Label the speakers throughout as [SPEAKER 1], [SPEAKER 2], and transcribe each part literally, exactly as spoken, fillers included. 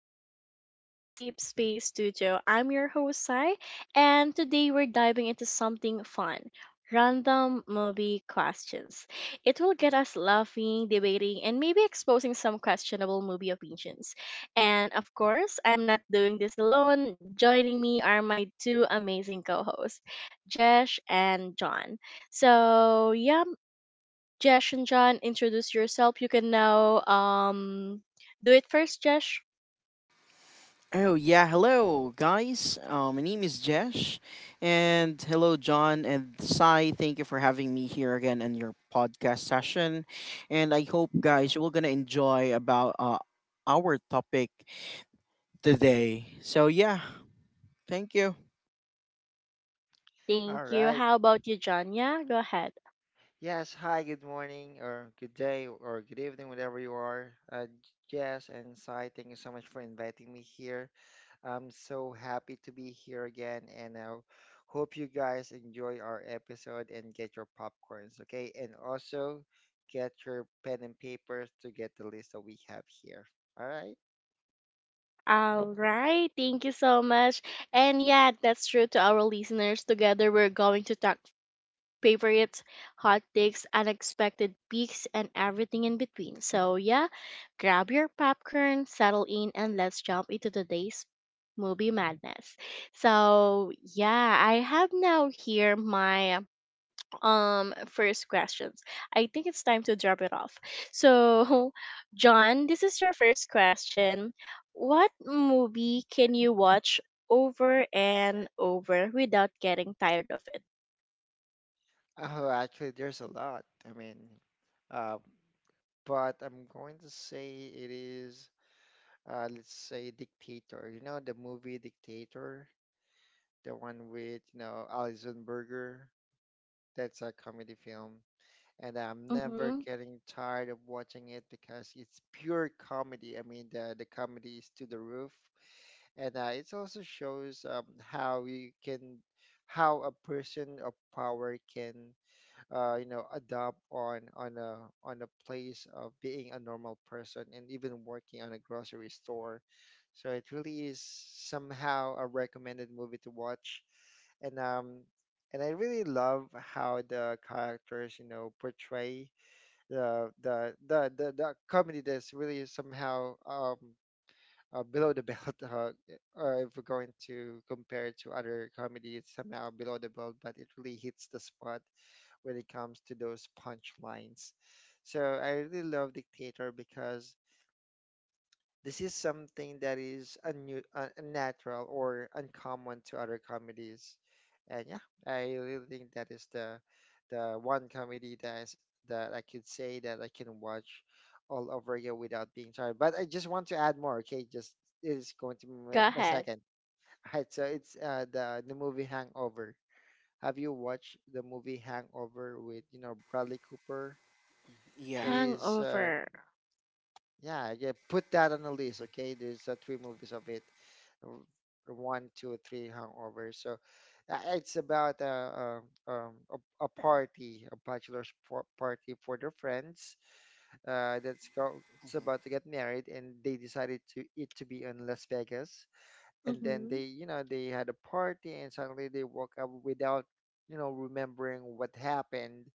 [SPEAKER 1] Welcome back to Safe Space Studio. I'm your host, Sai, and today we're diving into something fun: random movie questions. It will get us laughing, debating, and maybe exposing some questionable movie opinions. And of course, I'm not doing this alone. Joining me are my two amazing co hosts, Jesh and John. So, yeah, Jesh and John, introduce yourself. You can now um, do it first, Jesh.
[SPEAKER 2] Oh yeah, hello guys. Um, my name is Jesh, and hello John and Sai. Thank you for having me here again in your podcast session, and I hope guys you are gonna enjoy about uh, our topic today. So yeah, thank you.
[SPEAKER 1] Thank
[SPEAKER 3] All
[SPEAKER 1] you.
[SPEAKER 3] right.
[SPEAKER 1] How about you, Janya? Go ahead.
[SPEAKER 3] Yes. Hi. Good morning, or good day, or good evening, whatever you are. Uh, Jess and Sai, thank you so much for inviting me here. I'm so happy to be here again, and I hope you guys enjoy our episode and get your popcorns, okay? And also get your pen and papers to get the list that we have here. All right.
[SPEAKER 1] All right. Thank you so much. And yeah, that's true to our listeners. Together, we're going to talk favorites, hot takes, unexpected peaks, and everything in between. So yeah, grab your popcorn, settle in, and let's jump into today's movie madness. So yeah, I have now here my um first questions. I think it's time to drop it off. So, John, this is your first question. What movie can you watch over and over without getting tired of it?
[SPEAKER 3] Oh, actually, there's a lot. I mean, uh, but I'm going to say it is. Uh, let's say Dictator. You know the movie Dictator, the one with you know Alison Berger. That's a comedy film, and I'm never
[SPEAKER 1] Mhm.
[SPEAKER 3] getting tired of watching it because it's pure comedy. I mean, the the comedy is to the roof, and uh, it also shows um, how you can, how a person of power can uh, you know adapt on on a on a place of being a normal person and even working on a grocery store, so it really is somehow a recommended movie to watch. And um and I really love how the characters, you know, portray the the the the, the comedy that's really somehow um uh, below the belt. Uh, uh, if we're going to compare it to other comedy, it's somehow below the belt, but it really hits the spot when it comes to those punchlines. So I really love Dictator because this is something that is unnu- uh, unnatural or uncommon to other comedies. And yeah, I really think that is the the one comedy that is, that I could say that I can watch all over again without being tired. But I just want to add more. Okay, just it is going to be my,
[SPEAKER 1] Go
[SPEAKER 3] my
[SPEAKER 1] ahead.
[SPEAKER 3] second. All right, so it's uh, the the movie Hangover. Have you watched the movie Hangover with you know Bradley Cooper? It
[SPEAKER 2] Yeah.
[SPEAKER 3] is, uh,
[SPEAKER 1] Hangover.
[SPEAKER 3] yeah, yeah. Put that on the list, okay? There's uh, three movies of it, r- one, two, three, Hangover. So uh, it's about a, a, um, a, a party, a bachelor's par- party for their friends. Uh, that's go. It's about to get married, and they decided to it to be in Las Vegas, and then they
[SPEAKER 1] Mhm.
[SPEAKER 3] you know they had a party and suddenly they woke up without you know remembering what happened.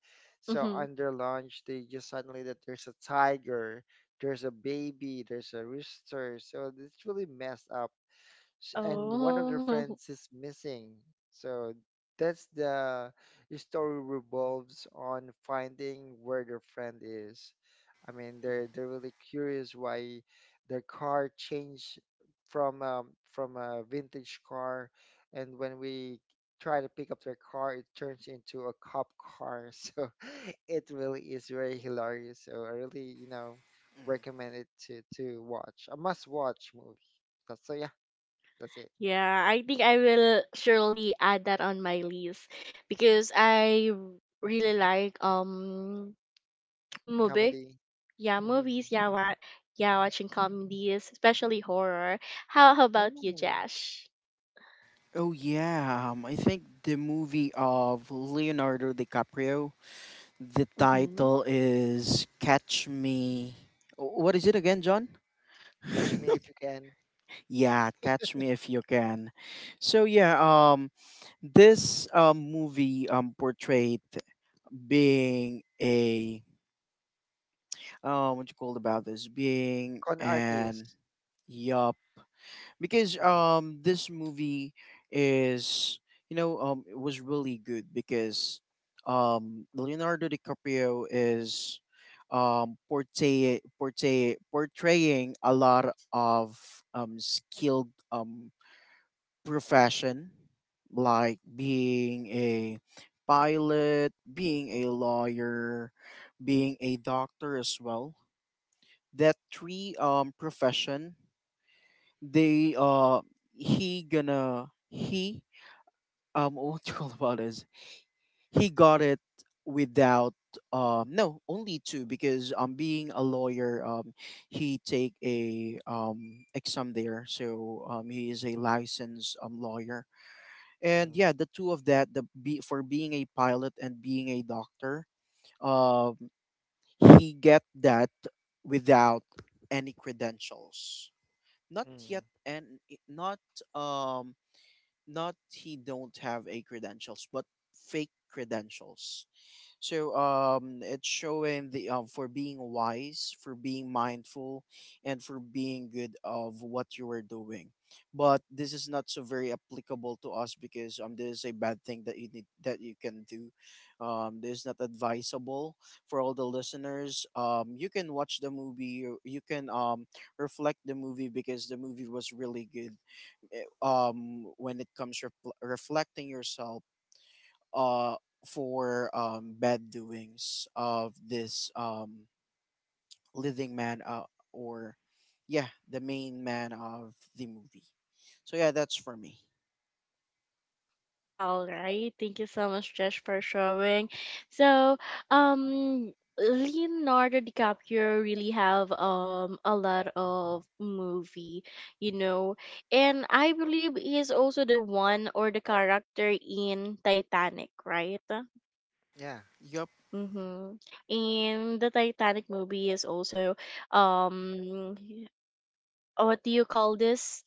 [SPEAKER 3] So
[SPEAKER 1] Mhm.
[SPEAKER 3] under lunch they just suddenly that there's a tiger, there's a baby, there's a rooster, so it's really messed up sh- and one of their
[SPEAKER 1] Oh.
[SPEAKER 3] friends is missing. So that's the story, revolves on finding where their friend is. I mean, they're they're really curious why their car changed from um, from a vintage car, and when we try to pick up their car, it turns into a cop car. So it really is very hilarious. So I really, you know, recommend it to to watch. A must watch movie. So yeah. That's it.
[SPEAKER 1] Yeah, I think I will surely add that on my list because I really like um movies.
[SPEAKER 3] Comedy.
[SPEAKER 1] Yeah, movies.
[SPEAKER 3] Mm.
[SPEAKER 1] Yeah, wa- yeah, watching comedies, especially horror. How, how about you,
[SPEAKER 3] Oh,
[SPEAKER 1] Jash?
[SPEAKER 2] Oh yeah. Um, I think the movie of Leonardo DiCaprio. The
[SPEAKER 1] Mm-hmm.
[SPEAKER 2] title is Catch Me. What is it again, John?
[SPEAKER 3] Catch Me If You Can.
[SPEAKER 2] Yeah, catch me if you can. So yeah, um, this um, movie um portrayed being a um what you called about this being
[SPEAKER 3] Con
[SPEAKER 2] an
[SPEAKER 3] artist.
[SPEAKER 2] yup because
[SPEAKER 3] Mm,
[SPEAKER 2] um this movie is you know um it was really good because um Leonardo DiCaprio is um portray portray portraying a lot of um skilled um profession like being a pilot, being a lawyer, being a doctor as well. That three um profession, they uh he gonna he um what do you call about is he got it without um no only two because um being a lawyer um he take a um exam there, so um he is a licensed um lawyer, and
[SPEAKER 3] mm,
[SPEAKER 2] yeah, the two of that, the be for being a pilot and being a doctor, um he get that without any credentials, not yet,
[SPEAKER 3] mm.
[SPEAKER 2] and not um not he don't have a credentials but fake credentials. So um, it's showing the um, for being wise, for being mindful, and for being good of what you are doing. But this is not so very applicable to us because um, this is a bad thing that you need that you can do. Um, this is not advisable for all the listeners. Um, you can watch the movie. You, you can um reflect the movie because the movie was really good. Eh, Um, when it comes refl- reflecting yourself, uh, for um, bad doings of this um, living man, uh, or yeah, the main man of the movie. So yeah, that's for me.
[SPEAKER 1] All right. Thank you so much, Josh, for showing. So, um, Leonardo DiCaprio really have um a lot of movie, you know, and I believe he is also the one or the character in Titanic, right?
[SPEAKER 3] Yeah.
[SPEAKER 2] Yup.
[SPEAKER 1] Mm-hmm. And the Titanic movie is also um what do you call this,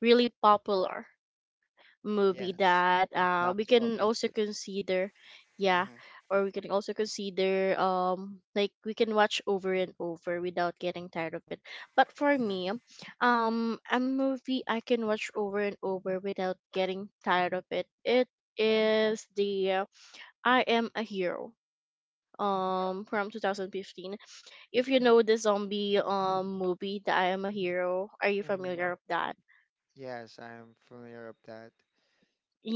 [SPEAKER 1] really popular movie
[SPEAKER 3] Yes.
[SPEAKER 1] that uh, we
[SPEAKER 3] Box
[SPEAKER 1] can
[SPEAKER 3] office.
[SPEAKER 1] also
[SPEAKER 3] It.
[SPEAKER 1] consider. Yeah,
[SPEAKER 2] Mm-hmm,
[SPEAKER 1] or we can also consider um like we can watch over and over without getting tired of it, but for
[SPEAKER 2] mm-hmm,
[SPEAKER 1] me, um a movie I can watch over and over without getting tired of it it is the uh, I Am a Hero um from twenty fifteen. If you know the zombie um movie, the I Am a Hero, are you
[SPEAKER 3] Mm.
[SPEAKER 1] familiar with that?
[SPEAKER 3] Yes, I'm familiar with that.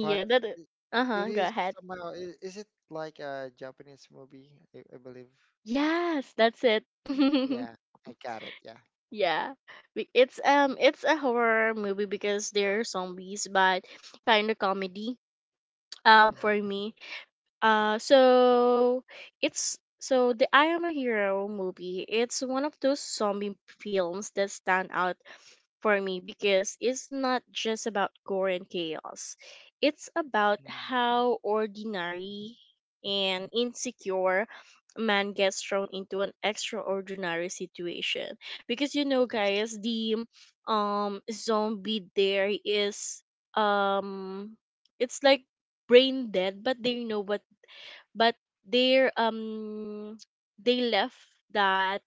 [SPEAKER 3] But
[SPEAKER 1] that
[SPEAKER 3] i- it
[SPEAKER 1] uh-huh, go
[SPEAKER 3] is
[SPEAKER 1] ahead.
[SPEAKER 3] somehow. i- Is it like a Japanese movie? I, I believe.
[SPEAKER 1] Yes, that's it.
[SPEAKER 3] Yeah. I got it. Yeah.
[SPEAKER 1] Yeah. Be- It's um it's a horror movie because there are zombies, but kind of comedy um for
[SPEAKER 3] Hmm.
[SPEAKER 1] me. Uh, so it's so the I Am a Hero movie. It's one of those zombie films that stand out for me because it's not just about gore and chaos. It's about how ordinary and insecure man gets thrown into an extraordinary situation. Because you know guys,
[SPEAKER 3] Yes.
[SPEAKER 1] the um zombie there is, um it's like brain dead, but they know what, but they're, um they left that,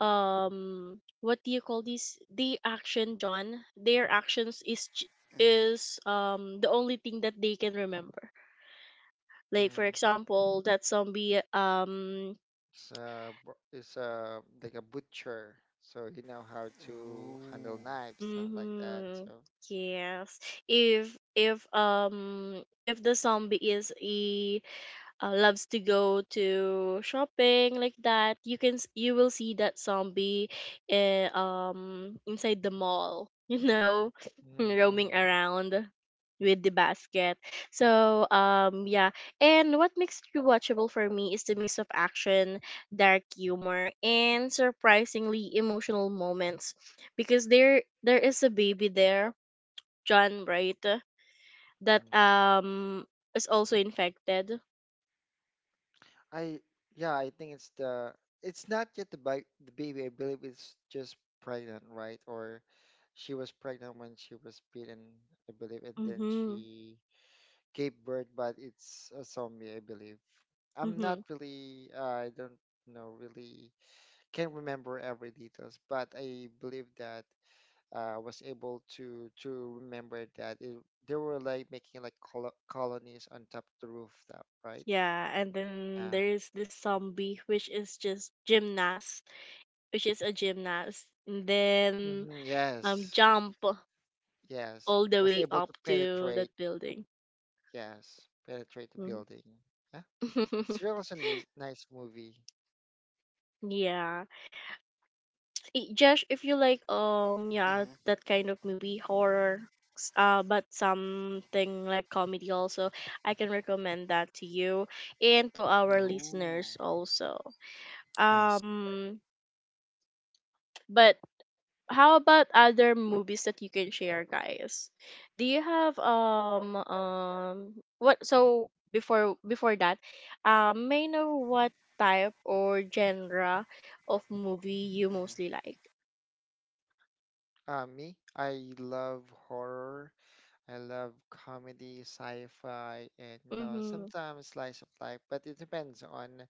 [SPEAKER 1] um what do you call this, the action, John, their actions is j-
[SPEAKER 2] hmm.
[SPEAKER 1] is um the only thing that they can remember. Like for
[SPEAKER 3] Mm.
[SPEAKER 1] example that zombie, um
[SPEAKER 3] It's a it's a like a butcher, so he know how to
[SPEAKER 2] Oh.
[SPEAKER 3] handle knives, something like that.
[SPEAKER 1] hmm
[SPEAKER 3] So
[SPEAKER 1] yes, if if um if the zombie is a, uh, loves to go to shopping, like that you can s- you will see that zombie, uh, um inside the mall you know
[SPEAKER 3] mm,
[SPEAKER 1] roaming
[SPEAKER 3] mm,
[SPEAKER 1] around with the basket. So um yeah, and what makes it rewatchable for me is the mix of action, dark humor, and surprisingly emotional moments, because there there is a baby there, John, right, that
[SPEAKER 3] mm.
[SPEAKER 1] um is also infected.
[SPEAKER 3] I, yeah, I think it's the it's not yet the bi the baby. I believe it's just pregnant, right? Or she was pregnant when she was bitten, I believe, and then
[SPEAKER 1] Hmm.
[SPEAKER 3] she gave birth, but it's a zombie, I believe. I'm
[SPEAKER 1] Mm-hmm.
[SPEAKER 3] not really, uh, I don't know, really can't remember every details, but I believe that. Uh, was able to to remember that it, they were like making like colo colonies on top of the rooftop, right?
[SPEAKER 1] Yeah, and then
[SPEAKER 3] Yeah.
[SPEAKER 1] there's this zombie which is just gymnast, which is a gymnast, and then
[SPEAKER 3] Hmm.
[SPEAKER 1] um
[SPEAKER 3] Yes.
[SPEAKER 1] jump
[SPEAKER 3] Yes.
[SPEAKER 1] all the
[SPEAKER 3] Was
[SPEAKER 1] way
[SPEAKER 3] able to
[SPEAKER 1] up to
[SPEAKER 3] penetrate.
[SPEAKER 1] that building.
[SPEAKER 3] Yes. Penetrate the
[SPEAKER 1] Mhm.
[SPEAKER 3] building. Yeah. This really was a nice, nice movie.
[SPEAKER 1] Yeah, Eh, Josh, if you like um yeah
[SPEAKER 2] Mm-hmm.
[SPEAKER 1] that kind of movie, horror, s- uh but something like comedy also, I can recommend that to you and to our
[SPEAKER 2] Oh,
[SPEAKER 1] listeners also.
[SPEAKER 2] I see.
[SPEAKER 1] Um, but how about other movies that you can share, guys? Do you have um um what, so before before that, um may I know what type or genre of movie you
[SPEAKER 2] Mm-hmm,
[SPEAKER 1] mostly like?
[SPEAKER 3] Uh, me, I love horror. I love comedy, sci-fi, and you know
[SPEAKER 1] Mhm.
[SPEAKER 3] sometimes slice of life. But it depends on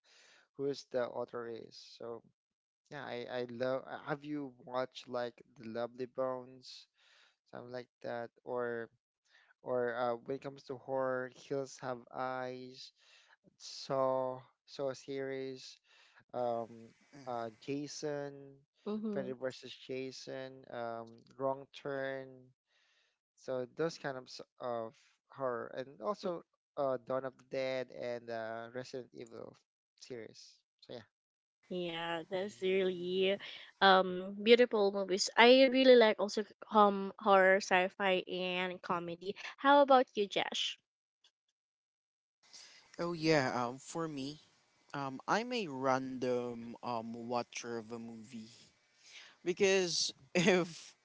[SPEAKER 3] who's the author is. So yeah, I, I love. uh, Have you watched like The Lovely Bones, something like that, or or uh, when it comes to horror, Hills Have Eyes, Saw, Saw series, um, uh,
[SPEAKER 2] mm-hmm.
[SPEAKER 3] Jason, Freddy
[SPEAKER 1] Mhm.
[SPEAKER 3] versus Jason, um, Wrong Turn. So those kind of s- of horror, and
[SPEAKER 1] Mm.
[SPEAKER 3] also uh, Dawn of the Dead and uh, Resident Evil series. So yeah.
[SPEAKER 1] Yeah, that's really um beautiful movies. I really like also um horror, sci-fi, and comedy. How about you, Josh?
[SPEAKER 2] Oh yeah, um, for me, um, I'm a random um watcher of a movie because
[SPEAKER 3] Mhm.
[SPEAKER 2] if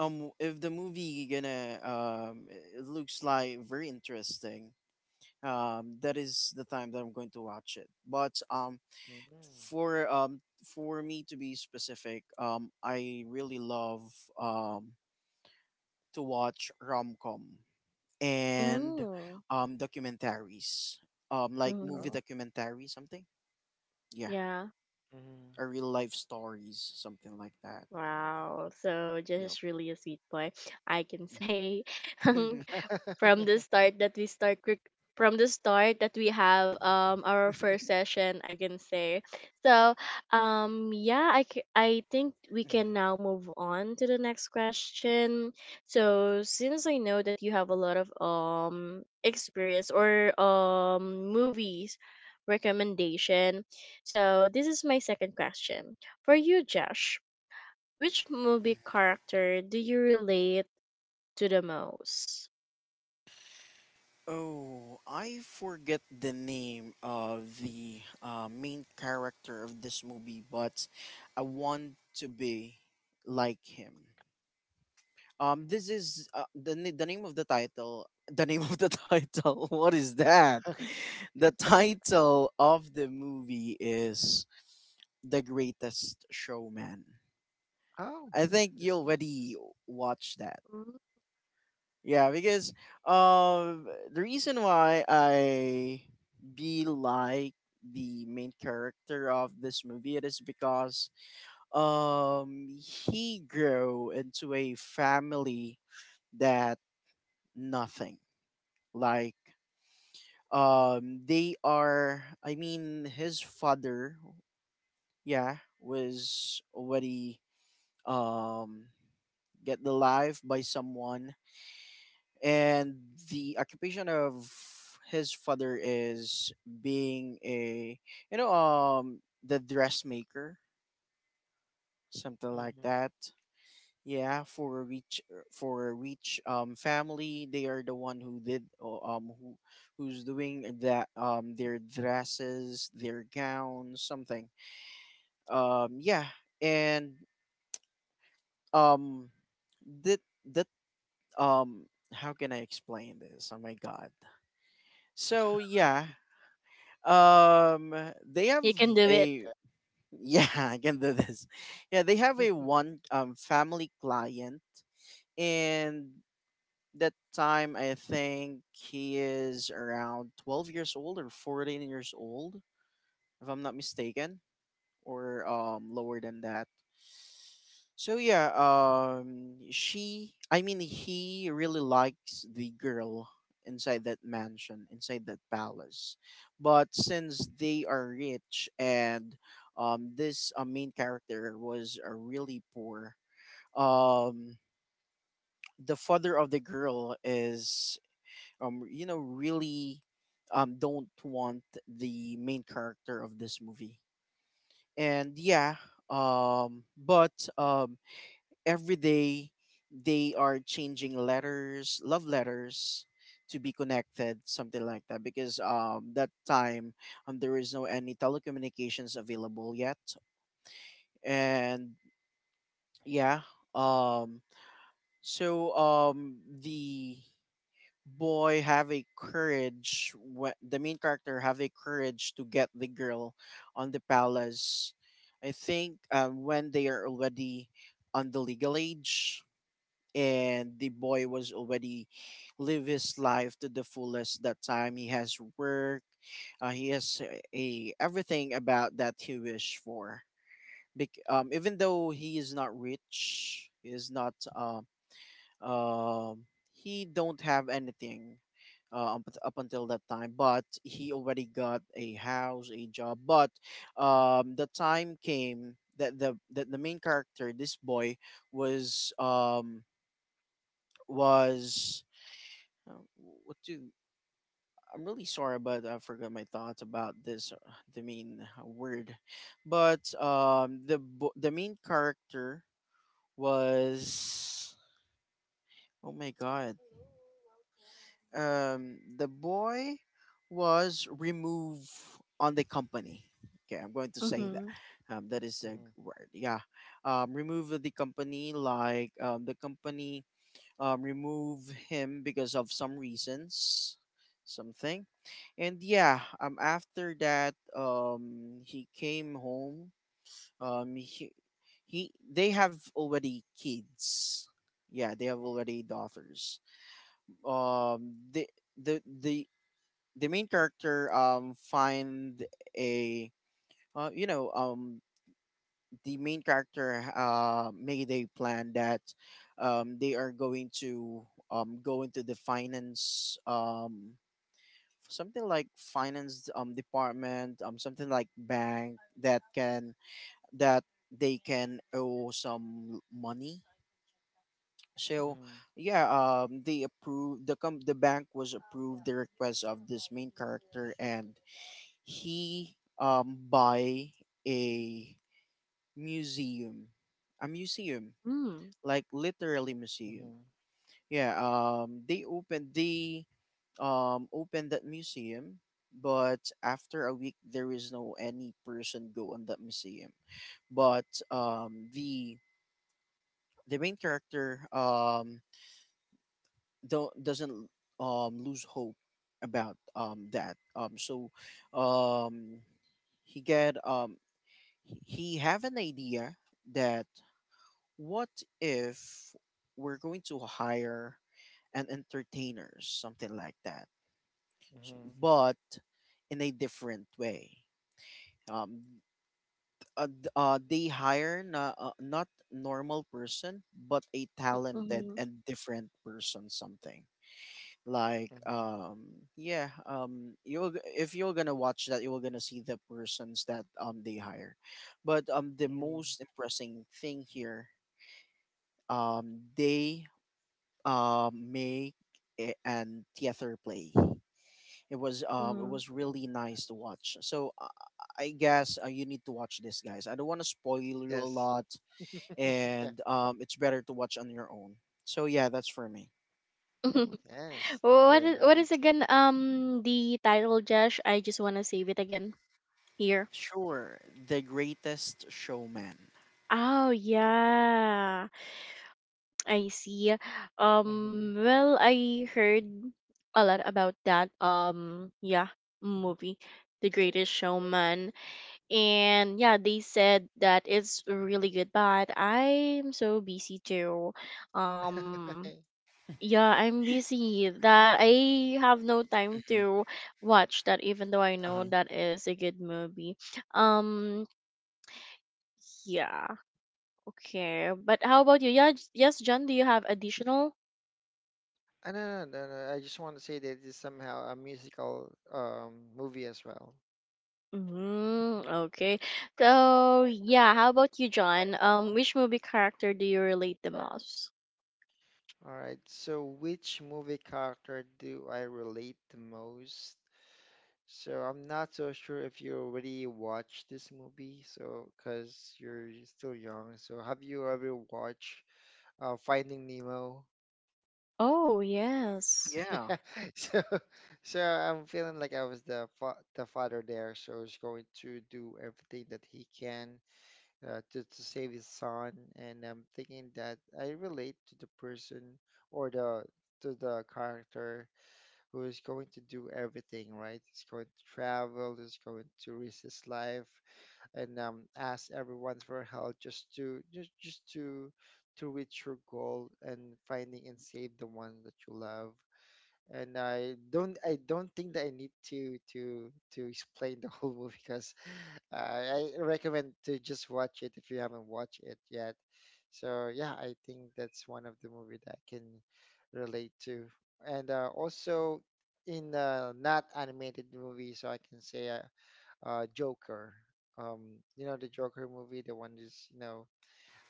[SPEAKER 2] um if the movie gonna um it looks like very interesting, um that is the time that I'm going to watch it. But um
[SPEAKER 3] Mhm.
[SPEAKER 2] for um for me to be specific, um I really love um to watch rom-com
[SPEAKER 3] Mhm.
[SPEAKER 2] and
[SPEAKER 1] Mm.
[SPEAKER 2] um documentaries, um like movie
[SPEAKER 1] Mhm.
[SPEAKER 3] Oh.
[SPEAKER 2] documentary something, yeah,
[SPEAKER 1] Yeah.
[SPEAKER 3] Mhm.
[SPEAKER 2] or real life stories something like that.
[SPEAKER 1] Wow, so
[SPEAKER 2] Yep.
[SPEAKER 1] just really a sweet boy, I can say.
[SPEAKER 2] Mhm.
[SPEAKER 1] from the start that we start rec- from the start that we have um our first session, I can say. So, um yeah, I c- I think we can now move on to the next question. So, since I know that you have a lot of um experience or um movies recommendation. So, this is my second question. For you, Josh, which movie character do you relate to the most?
[SPEAKER 2] Oh, I forget the name of the uh, main character of this movie, but I want to be like him. Um, this is uh, the na- the name of the title. The name of the title. What is that?
[SPEAKER 3] Okay.
[SPEAKER 2] The title of the movie is The Greatest Showman.
[SPEAKER 3] Oh,
[SPEAKER 2] I
[SPEAKER 3] yeah,
[SPEAKER 2] think you
[SPEAKER 3] that's nice.
[SPEAKER 2] already watched that.
[SPEAKER 1] Mm.
[SPEAKER 2] Yeah, because um the reason why I be like the main character of this movie it is because um he grew into a family that nothing like um they are, I mean his father, yeah, was already um get the life by someone, and the occupation of his father is being a, you know, um the dressmaker something like
[SPEAKER 3] Mm-hmm.
[SPEAKER 2] that. Yeah, for a rich, uh, for a rich um family, they are the one who did, uh, um who who's doing that, um their dresses, their gowns something. um yeah. And um that that um how can I explain this, oh my god. So yeah, Um, they have
[SPEAKER 1] You can do it.
[SPEAKER 2] a, yeah, I can do this. Yeah, they have a one um family client, and that time I think he is around twelve years old or fourteen years old, if I'm not mistaken, or um lower than that. So yeah, um she I mean he really likes the girl inside that mansion, inside that palace. But since they are rich and um this uh, main character was uh, really poor, um the father of the girl is, um you know, really um don't want the main character of this movie. And yeah, um but um every day they are changing letters, love letters, to be connected something like that because um that time um there is no any telecommunications available yet. And yeah, um so um the boy have a courage, wh- the main character have a courage to get the girl on the palace, I think um, when they are already on the legal age. And the boy was already live his life to the fullest. That time he has work. uh, he has a, a- everything about that he wish for. Bec- um, even though he is not rich, he is not um, um he don't have anything uh, up, up until that time, but he already got a house, a job. But um the time came that the that the main character, this boy, was um was uh, what do, I'm really sorry but I forgot my thoughts about this, uh, the main, uh, word, but um the bo- the main character was, oh my god, um, the boy was removed on the company. Okay, I'm going to say that.
[SPEAKER 1] Mm-hmm.
[SPEAKER 2] Um, that is a
[SPEAKER 3] Mm-hmm.
[SPEAKER 2] word. Yeah, um, remove the company. Like um, the company um, remove him because of some reasons, something. And yeah, um, after that, um, he came home. Um, he, he, they have already kids. Yeah, they have already daughters. um the the the the main character um find a, uh, you know um the main character uh made a plan that um they are going to um go into the finance um something like finance um department, um something like bank that can that they can owe some money. So
[SPEAKER 3] Mm-hmm.
[SPEAKER 2] yeah, um, they approved the com- the bank was approved the request of this main character, and he um buy a museum, a museum,
[SPEAKER 1] Mm.
[SPEAKER 2] like literally museum. Yeah, um, they opened they um opened that museum, but after a week there is no any person go on that museum. But um the the main character um don't doesn't um lose hope about um that um so um he get um he have an idea that what if we're going to hire an entertainer something like that. So-
[SPEAKER 3] Mm-hmm.
[SPEAKER 2] but in a different way, um uh, d- uh, they hire na, uh, not normal person but a talented
[SPEAKER 1] Mm-hmm.
[SPEAKER 2] and different person something like
[SPEAKER 3] Mm-hmm.
[SPEAKER 2] um yeah. um you're g- if you're gonna watch that, you're gonna see the persons that um they hire. But um the
[SPEAKER 3] Mm-hmm.
[SPEAKER 2] most impressing thing here, um they um make a- an theater play. It was um it
[SPEAKER 1] Mm-hmm.
[SPEAKER 2] was really nice to watch. So uh, I guess uh, you need to watch this guys, I don't want to spoil you a
[SPEAKER 3] Yes.
[SPEAKER 2] lot,
[SPEAKER 3] Yeah.
[SPEAKER 2] and um it's better to watch on your own. So yeah, that's for me.
[SPEAKER 3] Yes.
[SPEAKER 1] what
[SPEAKER 3] Very
[SPEAKER 1] is what is
[SPEAKER 3] nice.
[SPEAKER 1] again um the title, Josh? I just wanna save it again here.
[SPEAKER 2] Sure. The Greatest Showman.
[SPEAKER 1] Oh yeah. I see.
[SPEAKER 3] Mm-hmm.
[SPEAKER 1] Um well, I heard a lot about that, um yeah movie. The Greatest Showman. And yeah, they said that it's really good, but I'm so busy too, um yeah I'm busy that I have no time to watch that, even though I know
[SPEAKER 2] Uh-huh.
[SPEAKER 1] that is a good movie. um yeah okay, but how about you, yeah j- yes, John, do you have additional?
[SPEAKER 3] I don't know, no, no, no, I just want to say that it's somehow a musical um, movie as well.
[SPEAKER 1] Mm, okay. So yeah, how about you, John, um which movie character do you relate the most?
[SPEAKER 3] All right. So, which movie character do I relate the most? So I'm not so sure if you already watched this movie, so because you're still young. So have you ever watched uh, Finding Nemo?
[SPEAKER 1] Oh yes.
[SPEAKER 2] Yeah.
[SPEAKER 3] So, so I'm feeling like I was the fa the father there. So he's going to do everything that he can uh, to to save his son. And I'm thinking that I relate to the person or the to the character who is going to do everything, right? He's going to travel. He's going to risk his life and um, ask everyone for help just to just just to to reach your goal and finding and save the ones that you love. And I don't I don't think that I need to to to explain the whole movie because I I recommend to just watch it if you haven't watched it yet. So yeah, I think that's one of the movie that I can relate to. And uh, also in uh, not animated movies, so I can say I uh, Joker. Um, you know the Joker movie, the one is you know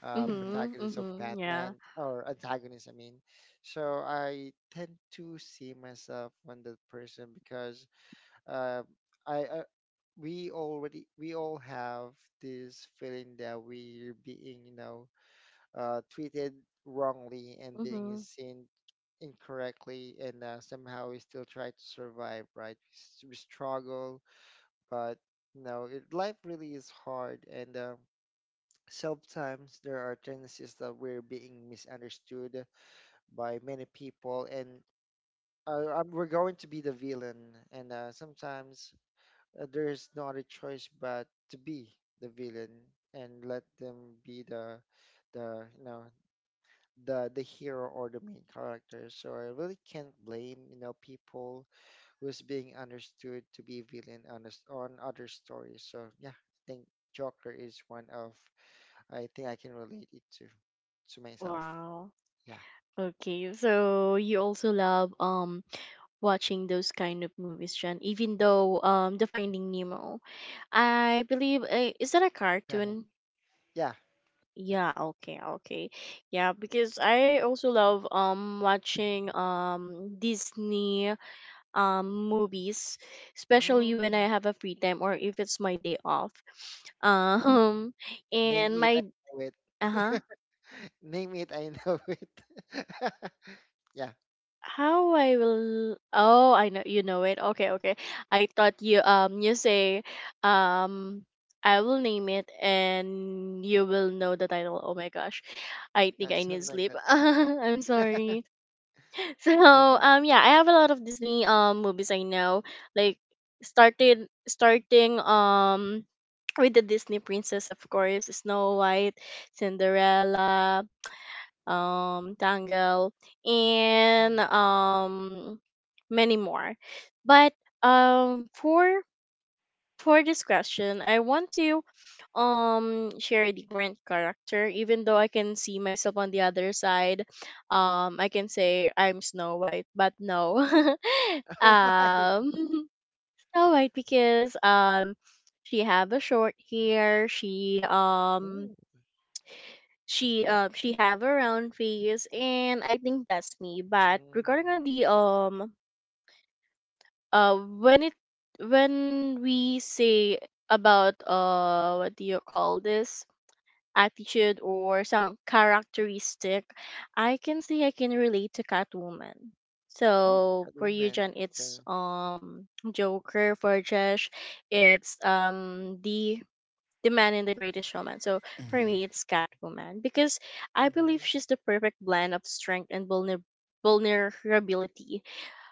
[SPEAKER 3] uh,
[SPEAKER 2] Hmm.
[SPEAKER 1] Mm-hmm.
[SPEAKER 3] protagonist of
[SPEAKER 1] Mm-hmm. Yeah.
[SPEAKER 3] Batman or antagonist. I mean, so I tend to see myself on that person because uh, I uh, we already we all have this feeling that we're being you know uh, treated wrongly and being
[SPEAKER 1] Mm-hmm.
[SPEAKER 3] seen incorrectly, and uh, somehow we still try to survive, right? We, s- we struggle, but no, it, life really is hard, and uh, sometimes there are tendencies that we're being misunderstood by many people, and uh, um, we're going to be the villain, and uh, sometimes uh, there is no other choice but to be the villain and let them be the the you know the the hero or the main character. So I really can't blame you know people who's being understood to be villain on a s on other stories. So yeah, I think Joker is one of, I think I can relate it to to myself.
[SPEAKER 1] Wow.
[SPEAKER 3] Yeah,
[SPEAKER 1] Okay. So you also love um watching those kind of movies, Jen. Even though um the Finding Nemo, I believe, uh, is that a cartoon?
[SPEAKER 3] yeah.
[SPEAKER 1] Yeah. Okay. Okay. Yeah. Because I also love um watching um Disney um movies,
[SPEAKER 3] Oh,
[SPEAKER 1] especially when I have a free time or if it's my day off. Um.
[SPEAKER 3] name
[SPEAKER 1] And
[SPEAKER 3] it, I
[SPEAKER 1] my
[SPEAKER 3] know it.
[SPEAKER 1] uh huh.
[SPEAKER 3] Name it, I know it. Yeah,
[SPEAKER 1] How I will Oh, I know you know it. Okay, okay. I thought you, um you say, um I will name it and you will know the title. Oh my gosh. I think I
[SPEAKER 3] that's
[SPEAKER 1] need
[SPEAKER 3] something like
[SPEAKER 1] sleep.
[SPEAKER 3] that.
[SPEAKER 1] I'm sorry. So,
[SPEAKER 3] Okay.
[SPEAKER 1] um yeah, I have a lot of Disney um movies I know. Like started starting um with the Disney princess, of course, Snow White, Cinderella, um, Tangle, and
[SPEAKER 3] Mm.
[SPEAKER 1] um, many more. But um, for for this question, I want to um share a different character. Even though I can see myself on the other side, um, I can say I'm Snow White, but no,
[SPEAKER 3] Why?
[SPEAKER 1] um, Snow White because um, she have a short hair. She um
[SPEAKER 3] Mm.
[SPEAKER 1] she um she have a round face, and I think that's me, but
[SPEAKER 3] Mm.
[SPEAKER 1] regarding on the um uh when it when we say about, uh what do you call this, attitude or some characteristic, I can say I can relate to Catwoman.
[SPEAKER 3] Oh,
[SPEAKER 1] So for you,
[SPEAKER 3] Catwoman.
[SPEAKER 1] Jen, it's
[SPEAKER 3] Okay.
[SPEAKER 1] um Joker; for Josh, it's um the the man in The Greatest Showman. So for
[SPEAKER 2] Hmm.
[SPEAKER 1] me, it's Catwoman because I
[SPEAKER 3] Mm-hmm.
[SPEAKER 1] believe she's the perfect blend of strength and vulner- vulnerability.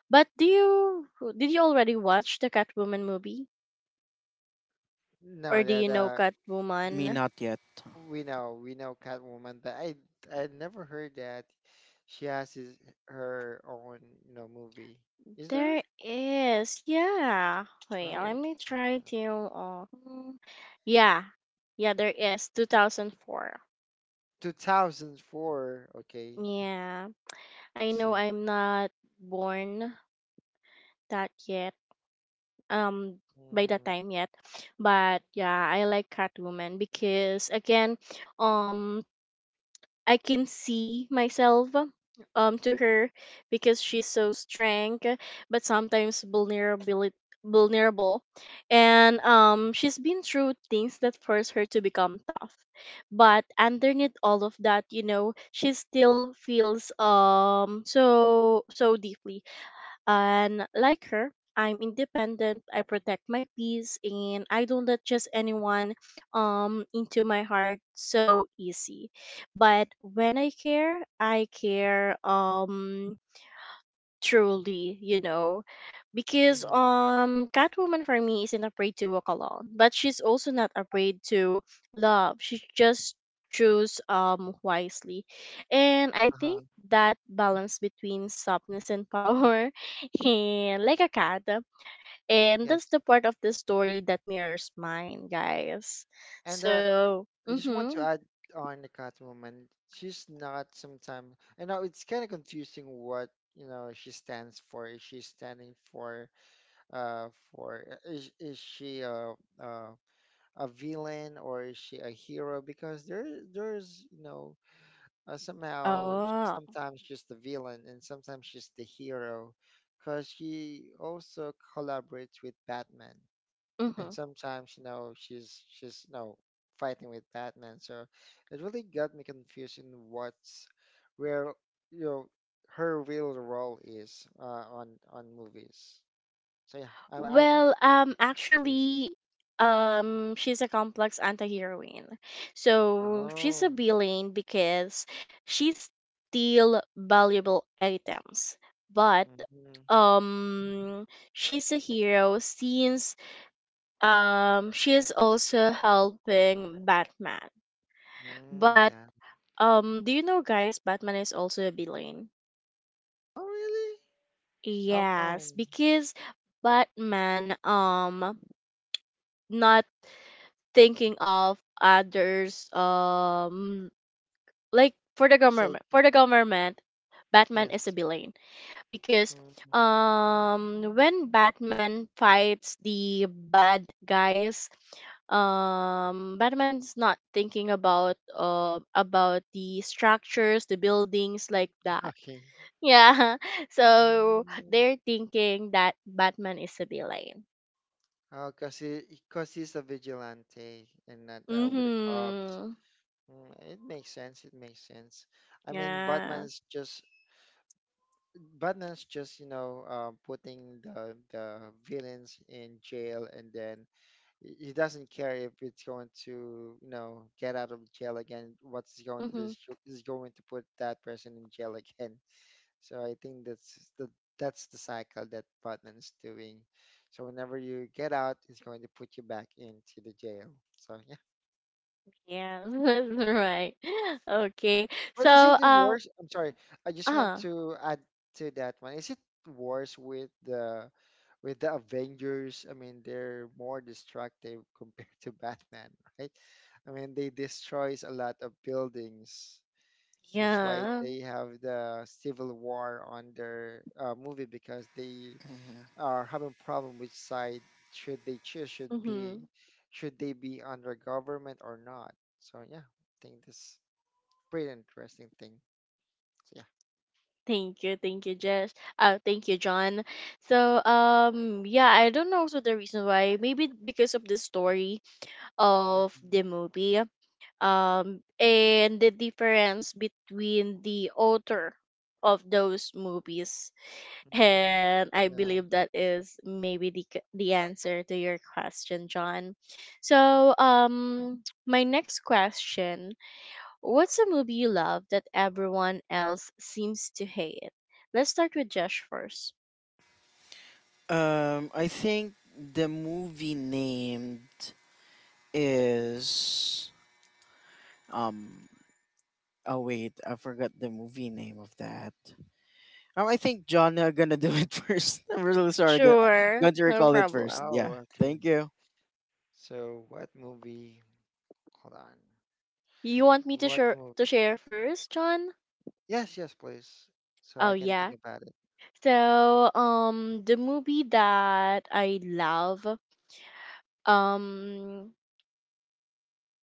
[SPEAKER 1] But do you did you already watch the Catwoman movie, or
[SPEAKER 3] No,
[SPEAKER 1] do
[SPEAKER 3] that
[SPEAKER 1] you know
[SPEAKER 3] uh,
[SPEAKER 2] Me
[SPEAKER 1] Catwoman?
[SPEAKER 2] not yet.
[SPEAKER 3] We know, we know Catwoman, but I I never heard that she has his, her own, you know, movie. Is there?
[SPEAKER 1] There is, yeah. Wait,
[SPEAKER 3] Oh,
[SPEAKER 1] let me try
[SPEAKER 3] okay.
[SPEAKER 1] to. Uh, mm, yeah, yeah, there is, two thousand four.
[SPEAKER 3] two thousand four. Okay,
[SPEAKER 1] Yeah, I know
[SPEAKER 3] see.
[SPEAKER 1] I'm not born that yet, um by that
[SPEAKER 3] Mm-hmm.
[SPEAKER 1] time yet, but yeah, I like Catwoman because again, um I can see myself, um to her, because she's so strong but sometimes vulnerability vulnerable, and um she's been through things that force her to become tough, but underneath all of that you know she still feels, um so so deeply. And like her, I'm independent, I protect my peace, and I don't let just anyone um into my heart so easy. But when I care, I care um truly, you know because
[SPEAKER 3] Mm-hmm.
[SPEAKER 1] um Catwoman for me isn't afraid to walk alone, but she's also not afraid to love; she just choose um wisely, and I think
[SPEAKER 3] Uh-huh.
[SPEAKER 1] that balance between softness and power and like a cat, and
[SPEAKER 3] Yes.
[SPEAKER 1] that's the part of the story that mirrors mine, guys.
[SPEAKER 3] And uh,
[SPEAKER 1] So
[SPEAKER 3] I just want to
[SPEAKER 1] mm-hmm.
[SPEAKER 3] add on the Catwoman. She's not sometimes. I know it's kind of confusing what you know she stands for. Is she standing for uh for is is she uh uh a villain, or is she a hero? Because there there's you know uh, somehow
[SPEAKER 1] Oh.
[SPEAKER 3] sometimes she's the villain and sometimes she's the hero, because she also collaborates with Batman and
[SPEAKER 1] Mm-hmm.
[SPEAKER 3] sometimes you know she's she's you know fighting with Batman. So it really got me confused in what's where you know her real role is, uh, on on movies. So yeah, I'm, I'm
[SPEAKER 1] Well, um,
[SPEAKER 3] confused.
[SPEAKER 1] actually, um, she's a complex anti-heroine. So she's a
[SPEAKER 3] Oh.
[SPEAKER 1] villain because she steal valuable items, but
[SPEAKER 3] Mm-hmm.
[SPEAKER 1] um, she's a hero since um she is also helping Batman.
[SPEAKER 3] Mm,
[SPEAKER 1] But
[SPEAKER 3] yeah.
[SPEAKER 1] um, do you know, guys, Batman is also a villain.
[SPEAKER 3] Oh, really? How
[SPEAKER 1] Yes,
[SPEAKER 3] come?
[SPEAKER 1] because Batman, um not thinking of others, um like for the government
[SPEAKER 3] Psychic.
[SPEAKER 1] for the government Batman is a
[SPEAKER 3] Yes.
[SPEAKER 1] villain because
[SPEAKER 3] Mm,
[SPEAKER 1] um when Batman fights the bad guys, um Batman's not thinking about uh about the structures, the buildings, like that.
[SPEAKER 3] okay.
[SPEAKER 1] Yeah, so
[SPEAKER 3] Mm.
[SPEAKER 1] they're thinking that Batman is a villain.
[SPEAKER 3] Oh, cause he, cause he's a vigilante and not uh, with the cops.
[SPEAKER 1] Mhm.
[SPEAKER 3] Mm, it makes sense. It makes sense. I mean,
[SPEAKER 1] Yeah.
[SPEAKER 3] Batman's just Batman's just you know uh, putting the the villains in jail, and then he he doesn't care if it's going to you know get out of jail again. What's he going to do
[SPEAKER 1] Mhm.
[SPEAKER 3] is, is going to put that person in jail again. So I think that's the that's the cycle that Batman's doing. So whenever you get out, it's going to put you back into the jail. So yeah.
[SPEAKER 1] Yeah, that's right. Okay.
[SPEAKER 3] But
[SPEAKER 1] So,
[SPEAKER 3] is it the
[SPEAKER 1] uh,
[SPEAKER 3] worst? I'm sorry. I just want
[SPEAKER 1] uh,
[SPEAKER 3] to add to that one. Is it worse with the with the Avengers? I mean, they're more destructive compared to Batman, right? I mean, they destroys a lot of buildings. That's why
[SPEAKER 1] yeah.
[SPEAKER 3] they have the civil war on their uh, movie, because they
[SPEAKER 2] Hmm.
[SPEAKER 3] are having problem which side should they choose, should
[SPEAKER 1] Mm-hmm.
[SPEAKER 3] be, should they be under government or not. So yeah, I think this is pretty interesting thing. So yeah.
[SPEAKER 1] Thank you, thank you, Jess. Uh, thank you, John. So, um, yeah, I don't know also the reason why. Maybe because of the story of the movie, um, and the difference between the author of those movies.
[SPEAKER 3] Mm,
[SPEAKER 1] And I
[SPEAKER 3] yeah.
[SPEAKER 1] believe that is maybe the c- the answer to your question, John. So, um, my next question: What's a movie you love that everyone else seems to hate? Let's start with Josh first.
[SPEAKER 2] Um, I think the movie named is um. Oh wait, I forgot the movie name of that. Um, I think John uh, gonna do it first. I'm really sorry. Gonna,
[SPEAKER 1] Sure,
[SPEAKER 2] going to
[SPEAKER 1] no
[SPEAKER 2] recall it first.
[SPEAKER 1] problem.
[SPEAKER 3] Oh,
[SPEAKER 2] Yeah.
[SPEAKER 3] okay.
[SPEAKER 2] Thank you.
[SPEAKER 3] So what movie, hold on,
[SPEAKER 1] You want me to
[SPEAKER 3] what
[SPEAKER 1] share
[SPEAKER 3] movie.
[SPEAKER 1] to share first, John?
[SPEAKER 3] Yes, yes, please, so I
[SPEAKER 1] Oh
[SPEAKER 3] can think
[SPEAKER 1] yeah.
[SPEAKER 3] about it.
[SPEAKER 1] So, um, the movie that I love, um,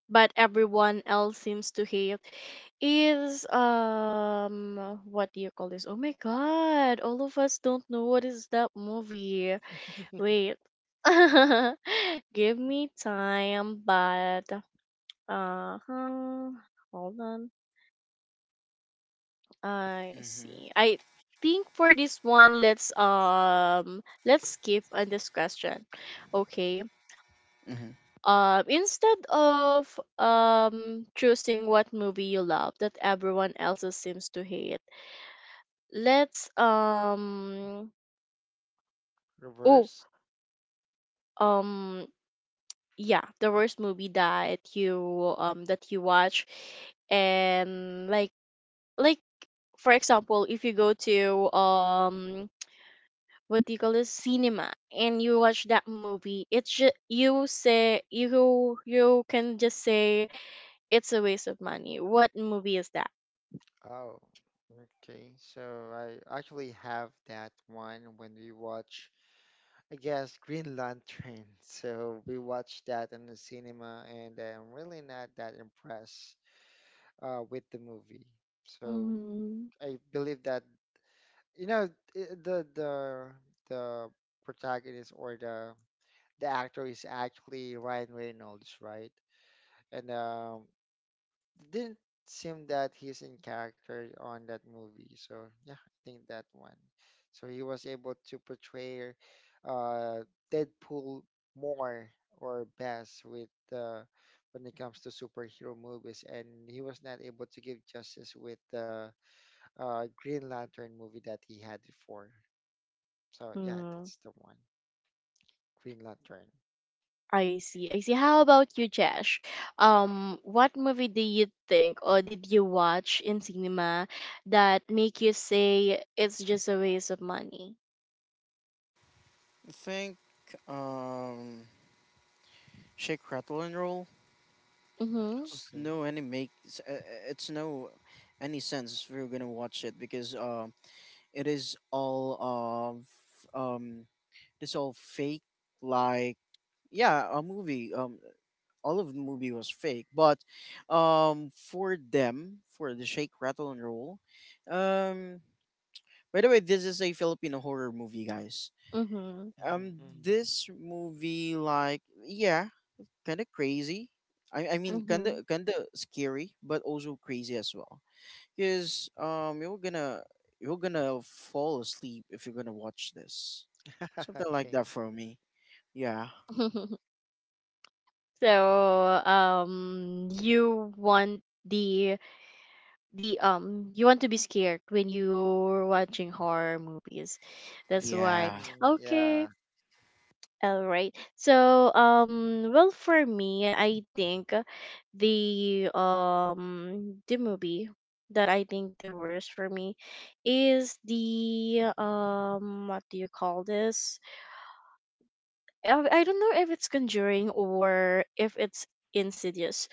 [SPEAKER 1] but everyone else seems to hate is, um what do you call this? Oh my god, all of us don't know what is that movie. Wait. Give me time, but uh hmm, hold on. I
[SPEAKER 2] Hmm.
[SPEAKER 1] see. I think for this one let's um let's skip on this question. Okay.
[SPEAKER 2] Hmm.
[SPEAKER 1] Um instead of um choosing what movie you love that everyone else seems to hate, let's um oh,
[SPEAKER 3] Reverse.
[SPEAKER 1] um yeah, the worst movie that you um that you watch. And like like, for example, if you go to, um what do you call this, cinema, and you watch that movie, it's just you say, you you can just say it's a waste of money. What movie is that?
[SPEAKER 3] Oh, okay, so I actually have that one when we watch, I guess, Green Lantern. So we watched that in the cinema, and I'm really not that impressed uh, with the movie. So
[SPEAKER 1] Mm-hmm.
[SPEAKER 3] I believe that, you know, i- the the the protagonist, or the the actor is actually Ryan Reynolds, right? And um, didn't seem that he's in character on that movie. So yeah, I think that one. So he was able to portray uh, Deadpool more or best with, uh, when it comes to superhero movies, and he was not able to give justice with the uh, Green Lantern movie that he had before. So yeah, that's the one, Green Lantern.
[SPEAKER 1] I see. I see. How about you, Jesh? Um, what movie do you think or did you watch in cinema that make you say it's just a waste of money?
[SPEAKER 2] I think um, Shake, Rattle, and Roll.
[SPEAKER 1] Mm-hmm.
[SPEAKER 2] It's
[SPEAKER 3] Okay.
[SPEAKER 2] no any make. It's, uh, uh, it's no any sense if we're gonna watch it because um, it is all of um it's all fake, like yeah, a movie, um all of the movie was fake. But um for them, for the Shake Rattle and Roll, um by the way, this is a Filipino horror movie, guys.
[SPEAKER 1] Mm-hmm.
[SPEAKER 2] Um
[SPEAKER 3] Mm-hmm.
[SPEAKER 2] this movie, like yeah, kind of crazy. I, I mean kind
[SPEAKER 1] Mm-hmm.
[SPEAKER 2] of kind of scary, but also crazy as well because um you're gonna you're gonna fall asleep if you're gonna watch this, something like
[SPEAKER 3] Okay.
[SPEAKER 2] that for me. Yeah.
[SPEAKER 1] So, um, you want the the um you want to be scared when you're watching horror movies. That's why.
[SPEAKER 2] Yeah,
[SPEAKER 3] Hmm.
[SPEAKER 1] Okay.
[SPEAKER 3] Yeah.
[SPEAKER 1] All right. So, um, well, for me, I think the um the movie that I think the worst for me is the, um what do you call this? I, I don't know if it's Conjuring or if it's Insidious.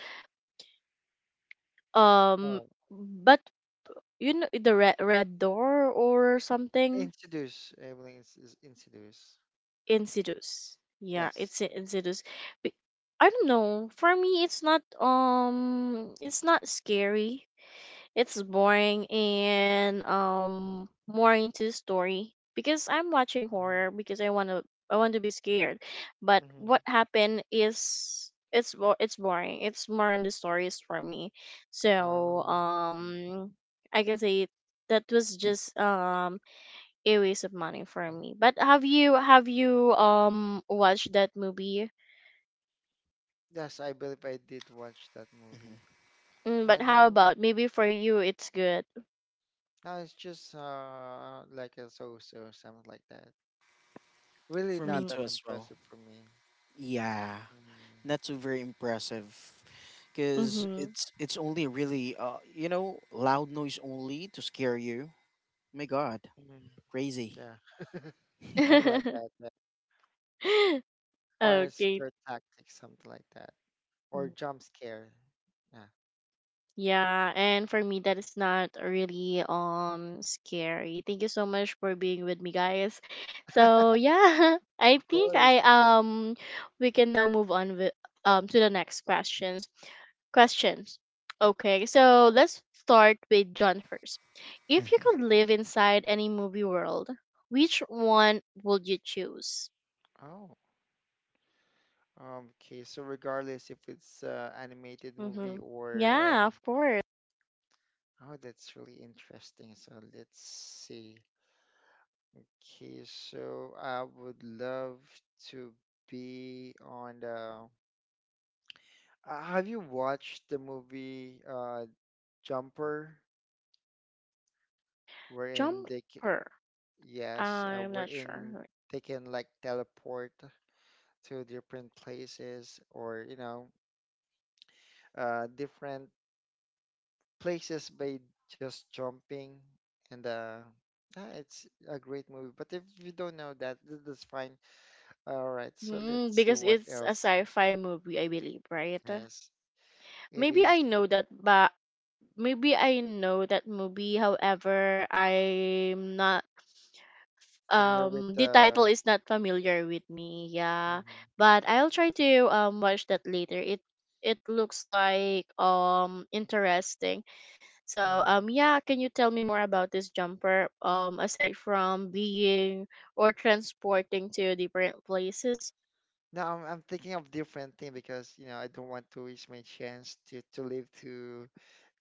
[SPEAKER 1] Um, but you know the red red door or something.
[SPEAKER 3] Introduce. Evelyn is, is introduce.
[SPEAKER 1] Insidious. Yeah,
[SPEAKER 3] Yes.
[SPEAKER 1] it's i- insidious. Be- I don't know. For me, it's not um, it's not scary. It's boring and, um, more into story because I'm watching
[SPEAKER 3] Mm-hmm.
[SPEAKER 1] horror because I wanna I want to be scared. But
[SPEAKER 3] Mm-hmm.
[SPEAKER 1] what happened is it's bo- it's boring. It's more on the stories for me. So,
[SPEAKER 3] Oh, okay.
[SPEAKER 1] um, I can say that was just um a waste of money for me. But have you have you um watched that movie?
[SPEAKER 3] Yes, I believe I did watch that movie.
[SPEAKER 1] Mm, but
[SPEAKER 3] And
[SPEAKER 1] how
[SPEAKER 3] um,
[SPEAKER 1] about maybe for you it's good.
[SPEAKER 3] no, it's just uh like a so-so, something like that. Really
[SPEAKER 2] for me
[SPEAKER 3] not
[SPEAKER 1] Mm.
[SPEAKER 3] that
[SPEAKER 2] too as well.
[SPEAKER 3] impressive for me.
[SPEAKER 2] Yeah,
[SPEAKER 3] Mm.
[SPEAKER 2] not so very impressive because
[SPEAKER 1] Mhm.
[SPEAKER 2] it's it's only really, uh you know, loud noise only to scare you. My god,
[SPEAKER 3] Mm.
[SPEAKER 2] crazy.
[SPEAKER 3] Yeah, something like that. Yeah. Or
[SPEAKER 1] Okay.
[SPEAKER 3] scare tactics, something like that. Or jump scare. Yeah,
[SPEAKER 1] Yeah, and for me that is not really um scary. Thank you so much for being with me guys. So, yeah, I
[SPEAKER 3] of
[SPEAKER 1] think
[SPEAKER 3] course,
[SPEAKER 1] I
[SPEAKER 3] of course.
[SPEAKER 1] um we can now move on with, um to the next questions. Questions. Okay, so let's start with John first. If you could live inside any movie world, which one would you choose?
[SPEAKER 3] Oh. Um, Okay, so regardless if it's uh, animated movie
[SPEAKER 1] Mhm.
[SPEAKER 3] or
[SPEAKER 1] Yeah,
[SPEAKER 3] um,
[SPEAKER 1] of course.
[SPEAKER 3] oh, that's really interesting. So let's see. Okay, so I would love to be on the. Uh, have you watched the movie uh, Jumper, wherein they can,
[SPEAKER 1] Jumper.
[SPEAKER 3] yes, uh,
[SPEAKER 1] I'm not
[SPEAKER 3] wherein
[SPEAKER 1] sure.
[SPEAKER 3] they can like teleport to different places, or you know, uh, different places by just jumping, and uh yeah, it's a great movie. But if you don't know that th- that's fine. All right, so
[SPEAKER 1] Hmm,
[SPEAKER 3] let's see
[SPEAKER 1] because
[SPEAKER 3] what
[SPEAKER 1] it's a
[SPEAKER 3] else.
[SPEAKER 1] sci-fi movie, I believe, right?
[SPEAKER 3] Yes, it
[SPEAKER 1] Maybe I
[SPEAKER 3] is.
[SPEAKER 1] know that, but maybe I know that movie. However, I'm not.
[SPEAKER 3] Familiar with
[SPEAKER 1] Um, the title
[SPEAKER 3] the.
[SPEAKER 1] is not familiar with me. Yeah,
[SPEAKER 3] Mhm.
[SPEAKER 1] but I'll try to um watch that later. It it looks like um interesting. So,
[SPEAKER 3] Mhm.
[SPEAKER 1] um yeah, can you tell me more about this jumper? Um, aside from being or transporting to different places.
[SPEAKER 3] No, I'm, I'm thinking of different thing, because you know I don't want to waste my chance to to live to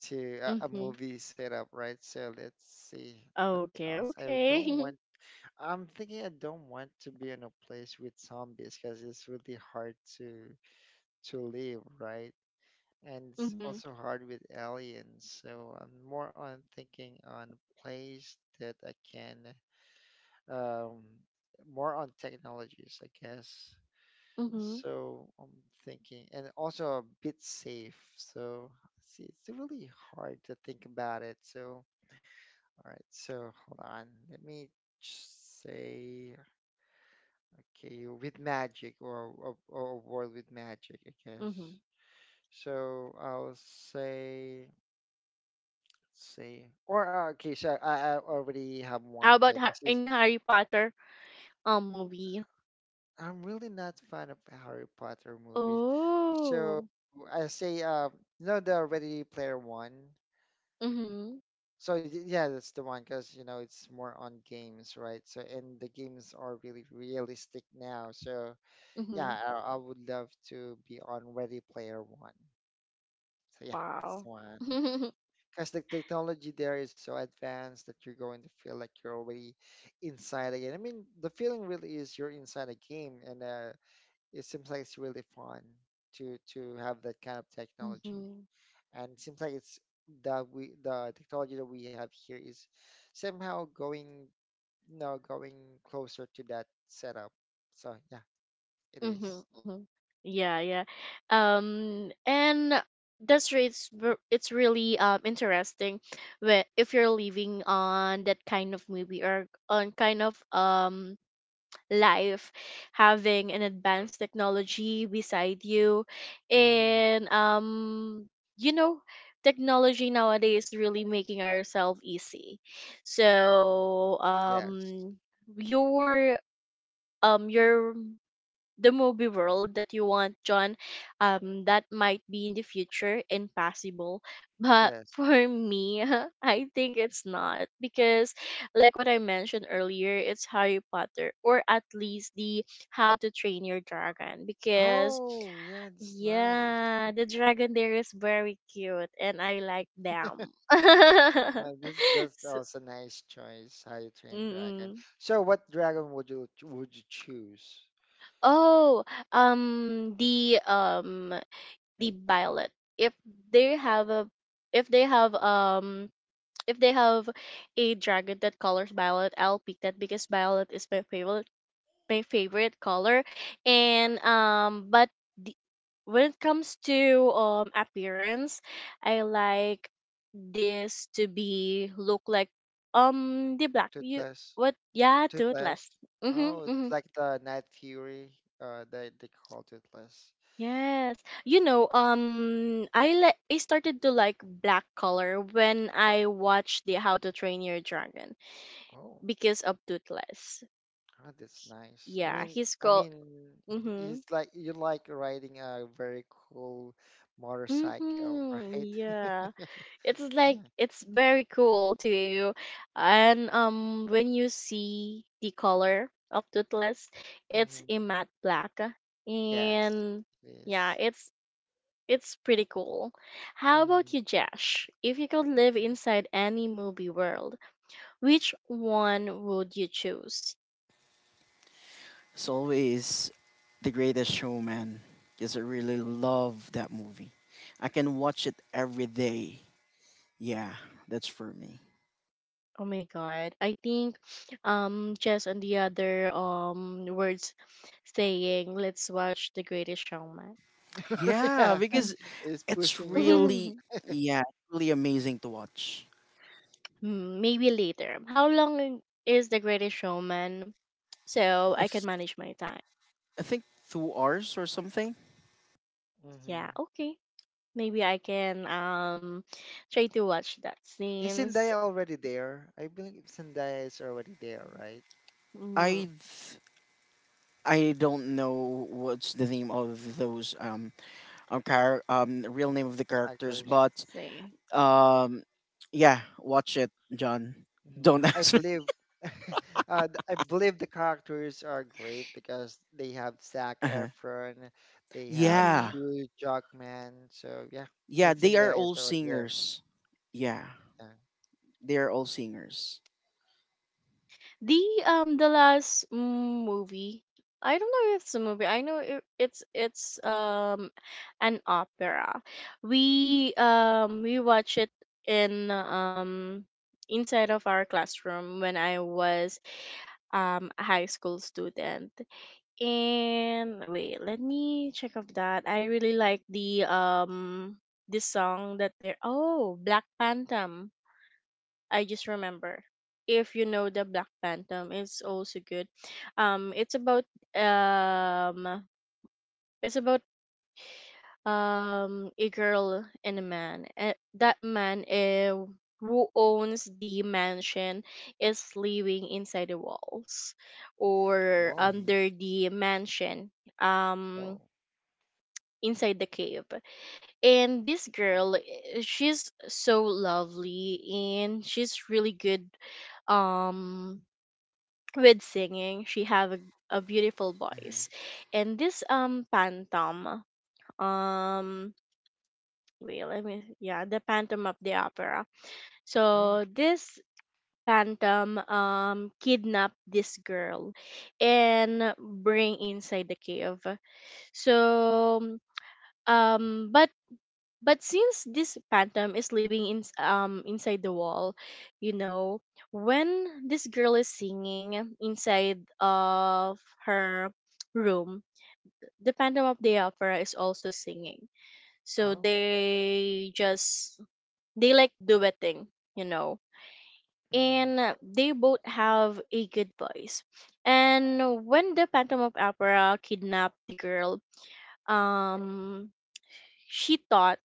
[SPEAKER 3] to a, a
[SPEAKER 1] Mm-hmm.
[SPEAKER 3] movie setup, right? So let's see what
[SPEAKER 1] Okay,
[SPEAKER 3] else. I
[SPEAKER 1] okay.
[SPEAKER 3] don't want. I'm thinking I don't want to be in a place with zombies, because it's really hard to to live, right? And it's
[SPEAKER 1] Mhm,
[SPEAKER 3] also hard with aliens. So I'm more on thinking on a place that I can, um, more on technologies, I guess.
[SPEAKER 1] mhm,
[SPEAKER 3] So I'm thinking, and also a bit safe. So see, it's really hard to think about it. So all right, so hold on, let me just say. Okay, with magic, or, or, or a world with magic, I
[SPEAKER 1] mhm.
[SPEAKER 3] guess. So I'll say, let's say, or uh, okay, so I, I already have one.
[SPEAKER 1] How about
[SPEAKER 3] So
[SPEAKER 1] ha-
[SPEAKER 3] this is,
[SPEAKER 1] in Harry Potter um movie?
[SPEAKER 3] I'm really not fan of Harry Potter movies. So
[SPEAKER 1] Oh.
[SPEAKER 3] I say, uh, you know, the Ready Player One.
[SPEAKER 1] Mhm,
[SPEAKER 3] So y- yeah, that's the one, because you know it's more on games, right? So, and the games are really realistic now. So
[SPEAKER 1] mhm.
[SPEAKER 3] yeah, I, I would love to be on Ready Player One. So yeah, that's the
[SPEAKER 1] Wow.
[SPEAKER 3] one. Because the technology there is so advanced that you're going to feel like you're already inside again. I mean, the feeling really is you're inside a game, and uh, it seems like it's really fun to to have that kind of technology.
[SPEAKER 1] Mhm,
[SPEAKER 3] And it seems like it's that we, the technology that we have here is somehow going you know going closer to that setup. So yeah, it
[SPEAKER 1] mhm,
[SPEAKER 3] is.
[SPEAKER 1] mhm. Yeah, yeah. Um, and that's re- it's ver- it's really um interesting. Where if you're living on that kind of movie or on kind of um life, having an advanced technology beside you
[SPEAKER 3] Mm,
[SPEAKER 1] and, um you know, technology nowadays really making ourselves easy. So
[SPEAKER 3] yes,
[SPEAKER 1] um your, um your the movie world that you want, John, um, that might be in the future impossible. But
[SPEAKER 3] yes.
[SPEAKER 1] for me, I think it's not because, like what I mentioned earlier, it's Harry Potter or at least the How to Train Your Dragon because,
[SPEAKER 3] Oh, yeah, it's nice.
[SPEAKER 1] yeah, the dragon there is very cute and I like them.
[SPEAKER 3] Well, this that's
[SPEAKER 1] So,
[SPEAKER 3] also nice choice. How you train dragon.
[SPEAKER 1] mm-mm.
[SPEAKER 3] So, what dragon would you would you choose?
[SPEAKER 1] Oh, um, the um the ballot, if they have a, if they have um if they have a dragon that colors violet, I'll pick that because violet is my favorite my favorite color. And, um but the, when it comes to um appearance, I like this to be look like, um the black, you
[SPEAKER 3] Toothless,
[SPEAKER 1] what? Yeah,
[SPEAKER 3] toothless.
[SPEAKER 1] Toothless. Mm-hmm,
[SPEAKER 3] Oh, it's
[SPEAKER 1] mm-hmm.
[SPEAKER 3] like the Night Fury. Uh, they they call toothless.
[SPEAKER 1] Yes. You know, um I like I started to like black color when I watched the How to Train Your Dragon
[SPEAKER 3] Oh,
[SPEAKER 1] because of Toothless.
[SPEAKER 3] ah, that's nice. I
[SPEAKER 1] Yeah,
[SPEAKER 3] mean,
[SPEAKER 1] he's
[SPEAKER 3] I
[SPEAKER 1] called.
[SPEAKER 3] mean,
[SPEAKER 1] Mhm.
[SPEAKER 3] it's like you like riding a very cool motorcycle,
[SPEAKER 1] Mhm.
[SPEAKER 3] right?
[SPEAKER 1] Yeah. It's like,
[SPEAKER 3] Yeah.
[SPEAKER 1] it's very cool to you. And, um when you see the color of Toothless, it's
[SPEAKER 3] Hmm.
[SPEAKER 1] a matte black.
[SPEAKER 3] Yes,
[SPEAKER 1] And,
[SPEAKER 3] it
[SPEAKER 1] yeah,
[SPEAKER 3] is.
[SPEAKER 1] it's, It's pretty cool. How about
[SPEAKER 3] Mm.
[SPEAKER 1] you, Jash? If you could live inside any movie world, which one would you choose?
[SPEAKER 2] It's always The Greatest Showman because I really love that movie. I can watch it every day. Yeah, that's for me.
[SPEAKER 1] Oh my god. I think um Jess and the other um words saying let's watch The Greatest Showman.
[SPEAKER 2] Yeah,
[SPEAKER 3] Yeah,
[SPEAKER 1] Mm.
[SPEAKER 2] because
[SPEAKER 3] it's
[SPEAKER 2] it's
[SPEAKER 3] pushing it.
[SPEAKER 2] really, yeah, it's really amazing to watch.
[SPEAKER 1] Hmm. Maybe later. How long is The Greatest Showman? So I can
[SPEAKER 2] It's,
[SPEAKER 1] manage my time.
[SPEAKER 2] I think, two hours or something.
[SPEAKER 1] Yeah,
[SPEAKER 3] Hmm.
[SPEAKER 1] okay. Maybe I can um try to watch that
[SPEAKER 3] Is
[SPEAKER 1] since.
[SPEAKER 3] Zendaya already there? I believe Zendaya is already there, right?
[SPEAKER 2] I th- I don't know what's the name of those um um, char- um real name of the characters,
[SPEAKER 3] Actors.
[SPEAKER 1] Let's
[SPEAKER 2] but
[SPEAKER 1] see.
[SPEAKER 2] um yeah, watch it, John.
[SPEAKER 3] Mhm.
[SPEAKER 2] Don't
[SPEAKER 3] I
[SPEAKER 2] ask me.
[SPEAKER 3] believe uh, th- I believe the characters are great, because they have Zac
[SPEAKER 2] Uh-huh.
[SPEAKER 3] Efron, they have
[SPEAKER 1] Mm-hmm.
[SPEAKER 2] Yeah,
[SPEAKER 3] Hugh Jackman. So yeah,
[SPEAKER 2] yeah,
[SPEAKER 3] and
[SPEAKER 2] they are
[SPEAKER 3] Zendaya
[SPEAKER 2] all
[SPEAKER 3] is already there.
[SPEAKER 2] singers. Yeah,
[SPEAKER 3] Yeah.
[SPEAKER 2] they are all singers.
[SPEAKER 1] The um the last, mm, movie. I don't know if it's a movie. I know it, it's it's um an opera. We um we watch it in um inside of our classroom when I was um a high school student. And wait, let me check of that. I really like the um the song that they're, oh, Black Phantom. I just remember. If you know the Black Phantom, it's also good. Um, it's about um, it's about um a girl and a man. Uh, that man, uh, who owns the mansion is living inside the walls or
[SPEAKER 3] Wow.
[SPEAKER 2] Hmm.
[SPEAKER 1] under the mansion.
[SPEAKER 3] Oh.
[SPEAKER 1] Um, inside the cave. And this girl, eh, she's so lovely and she's really good um with singing. She have a, a beautiful voice,
[SPEAKER 2] Hmm.
[SPEAKER 1] and this um phantom, um wait, let me, yeah, the Phantom of the Opera.
[SPEAKER 3] Oh.
[SPEAKER 1] So this phantom um kidnap this girl and bring inside the cave. So, um but but since this phantom is living in um inside the wall, you know, when this girl is singing inside of her room, the Phantom of the Opera is also singing, so
[SPEAKER 3] Oh.
[SPEAKER 1] they just, they like, duetting, you know.
[SPEAKER 3] Mm-hmm.
[SPEAKER 1] And, uh, they both have a good voice. And when the Phantom of Opera kidnapped the girl, um she thought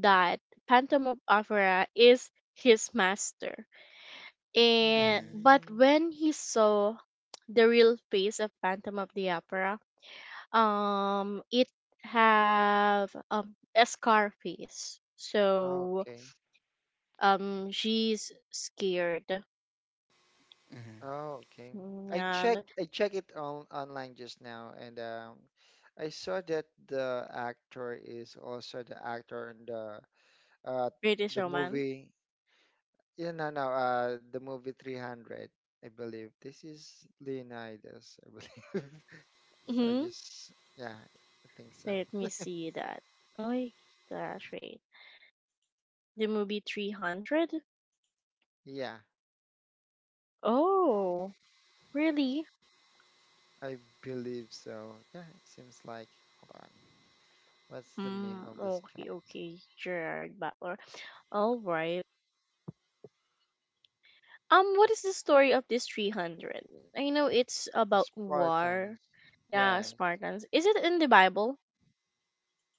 [SPEAKER 1] that Phantom of Opera is his master. And
[SPEAKER 2] Hmm.
[SPEAKER 1] but
[SPEAKER 3] Mm-hmm.
[SPEAKER 1] when he saw the real face of Phantom of the Opera, um, it have um a scar face. So,
[SPEAKER 3] Okay.
[SPEAKER 1] um, she's scared.
[SPEAKER 3] Oh, okay.
[SPEAKER 1] Mm.
[SPEAKER 3] I
[SPEAKER 1] Yeah,
[SPEAKER 3] check
[SPEAKER 1] the
[SPEAKER 3] I check it on online just now, and um, I saw that the actor is also the actor in the uh
[SPEAKER 1] British
[SPEAKER 3] the
[SPEAKER 1] Roman.
[SPEAKER 3] movie. Yeah, no, no. Uh, the movie three hundred, I believe. This is Leonidas, I believe. So I
[SPEAKER 1] Hmm.
[SPEAKER 3] just, yeah, I think so.
[SPEAKER 1] Let me see that. Oh gosh, wait. The movie Three Hundred.
[SPEAKER 3] Yeah,
[SPEAKER 1] Oh, really?
[SPEAKER 3] I believe so. Yeah, it seems like. Hold on. What's the name
[SPEAKER 1] Mm,
[SPEAKER 3] of this
[SPEAKER 1] okay,
[SPEAKER 3] character?
[SPEAKER 1] okay, Gerard Butler. All right. Um, what is the story of this three hundred? I know it's about
[SPEAKER 3] Spartans.
[SPEAKER 1] war. Yeah,
[SPEAKER 3] Yeah,
[SPEAKER 1] Spartans. Is it in the Bible?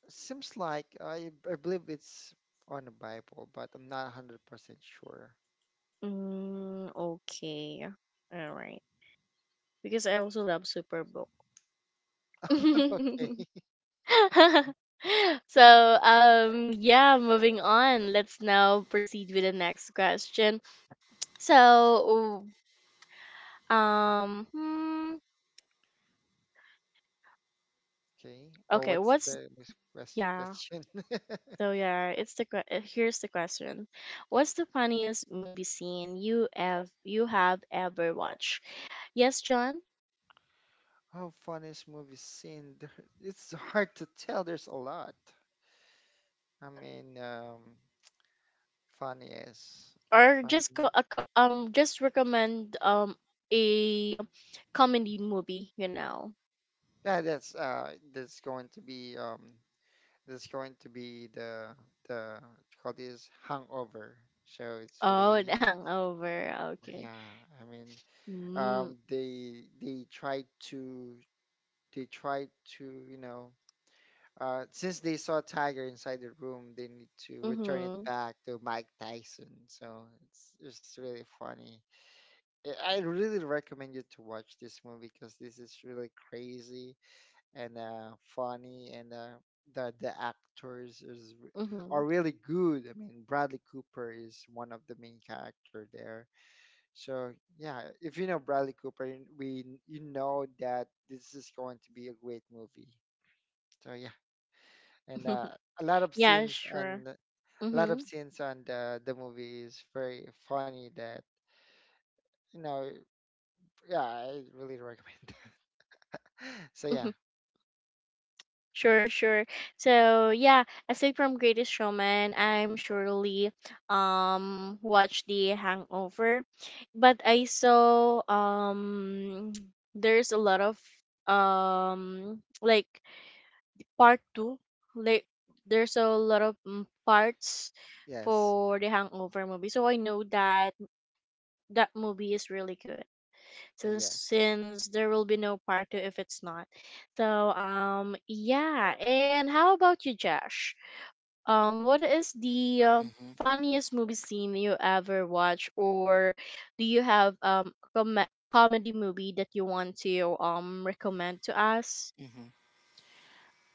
[SPEAKER 3] seems like I, I believe it's on the Bible, but I'm not one hundred percent sure.
[SPEAKER 1] Mm, okay. All right. Because I also love Superbook.
[SPEAKER 3] Okay.
[SPEAKER 1] So, um, yeah, moving on. Let's now proceed with the next question. So, um, hmm,
[SPEAKER 3] Okay. Well,
[SPEAKER 1] okay,
[SPEAKER 3] what's
[SPEAKER 1] what's,
[SPEAKER 3] the next quest-
[SPEAKER 1] yeah,
[SPEAKER 3] question?
[SPEAKER 1] so yeah, it's the que- uh, here's the question. What's the funniest movie scene you have you have ever watched? Yes, John.
[SPEAKER 3] How fun is movie scene? There- It's hard to tell. There's a lot. I mean, um, funny is
[SPEAKER 1] Or just go
[SPEAKER 3] funny.
[SPEAKER 1] a co- um just recommend um a comedy movie, you know.
[SPEAKER 3] Yeah, that's uh, that's going to be, um, that's going to be the the what you call this, hangover. So it's
[SPEAKER 1] Oh, the
[SPEAKER 3] really,
[SPEAKER 1] Hangover. Okay.
[SPEAKER 3] yeah. I mean,
[SPEAKER 1] Mm,
[SPEAKER 3] um, they they tried to they tried to you know, uh, since they saw Tiger inside the room, they need to return it
[SPEAKER 1] mhm.
[SPEAKER 3] back to Mike Tyson. So it's it's really funny. I I really recommend you to watch this movie, because this is really crazy and uh, funny, and uh, the the actors is re- are
[SPEAKER 1] Mhm.
[SPEAKER 3] really good. I mean, Bradley Cooper is one of the main character there, so yeah, if you know Bradley Cooper, you- we you know that this is going to be a great movie. So yeah, and uh, a lot of
[SPEAKER 1] yeah,
[SPEAKER 3] scenes
[SPEAKER 1] sure.
[SPEAKER 3] and a lot of
[SPEAKER 1] Mhm.
[SPEAKER 3] scenes on the the movie is very funny. That, you know, yeah, I really recommend. So yeah.
[SPEAKER 1] Sure, sure. So yeah, aside from Greatest Showman, I'm surely um watched The Hangover. But I saw, um there's a lot of, um like, part two, like, there's a lot of, mm, parts
[SPEAKER 3] Yes,
[SPEAKER 1] for The Hangover movie, so I know that that movie is really good, since
[SPEAKER 3] yes.
[SPEAKER 1] since there will be no part two if it's not. So, um yeah, and how about you, Josh? Um, what is the, uh,
[SPEAKER 2] Hmm.
[SPEAKER 1] funniest movie scene you ever watched, or do you have um com- comedy movie that you want to um recommend to us?
[SPEAKER 2] Hmm.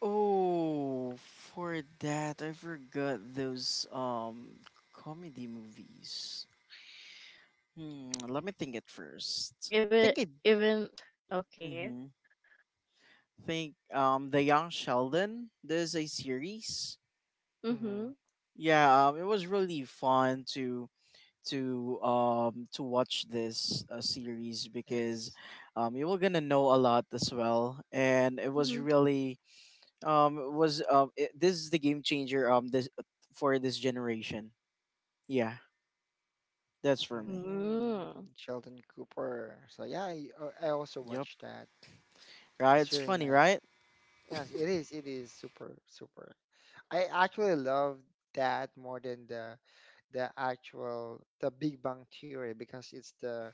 [SPEAKER 2] Oh, for that, I forgot those um comedy movies. Hmm, let me think it first.
[SPEAKER 1] If
[SPEAKER 2] I
[SPEAKER 1] it
[SPEAKER 2] think I
[SPEAKER 1] even, okay.
[SPEAKER 2] mhm. think um The Young Sheldon. There's a series.
[SPEAKER 3] Hmm.
[SPEAKER 1] Mhm.
[SPEAKER 2] Yeah, um, it was really fun to to um to watch this uh, series because
[SPEAKER 3] Yes.
[SPEAKER 2] um you were gonna know a lot as well, and it was
[SPEAKER 1] Mhm.
[SPEAKER 2] really um it was um it, this is the game changer, um this for this generation. Yeah, that's for me.
[SPEAKER 3] Mm,
[SPEAKER 1] Mm.
[SPEAKER 3] Sheldon Cooper. So yeah, I, uh, I also
[SPEAKER 2] Yep.
[SPEAKER 3] watched that.
[SPEAKER 2] Right?
[SPEAKER 3] It's
[SPEAKER 2] It's
[SPEAKER 3] really
[SPEAKER 2] funny,
[SPEAKER 3] nice.
[SPEAKER 2] right?
[SPEAKER 3] Yes, it is. It is super, super. I actually love that more than the the actual the Big Bang Theory, because it's the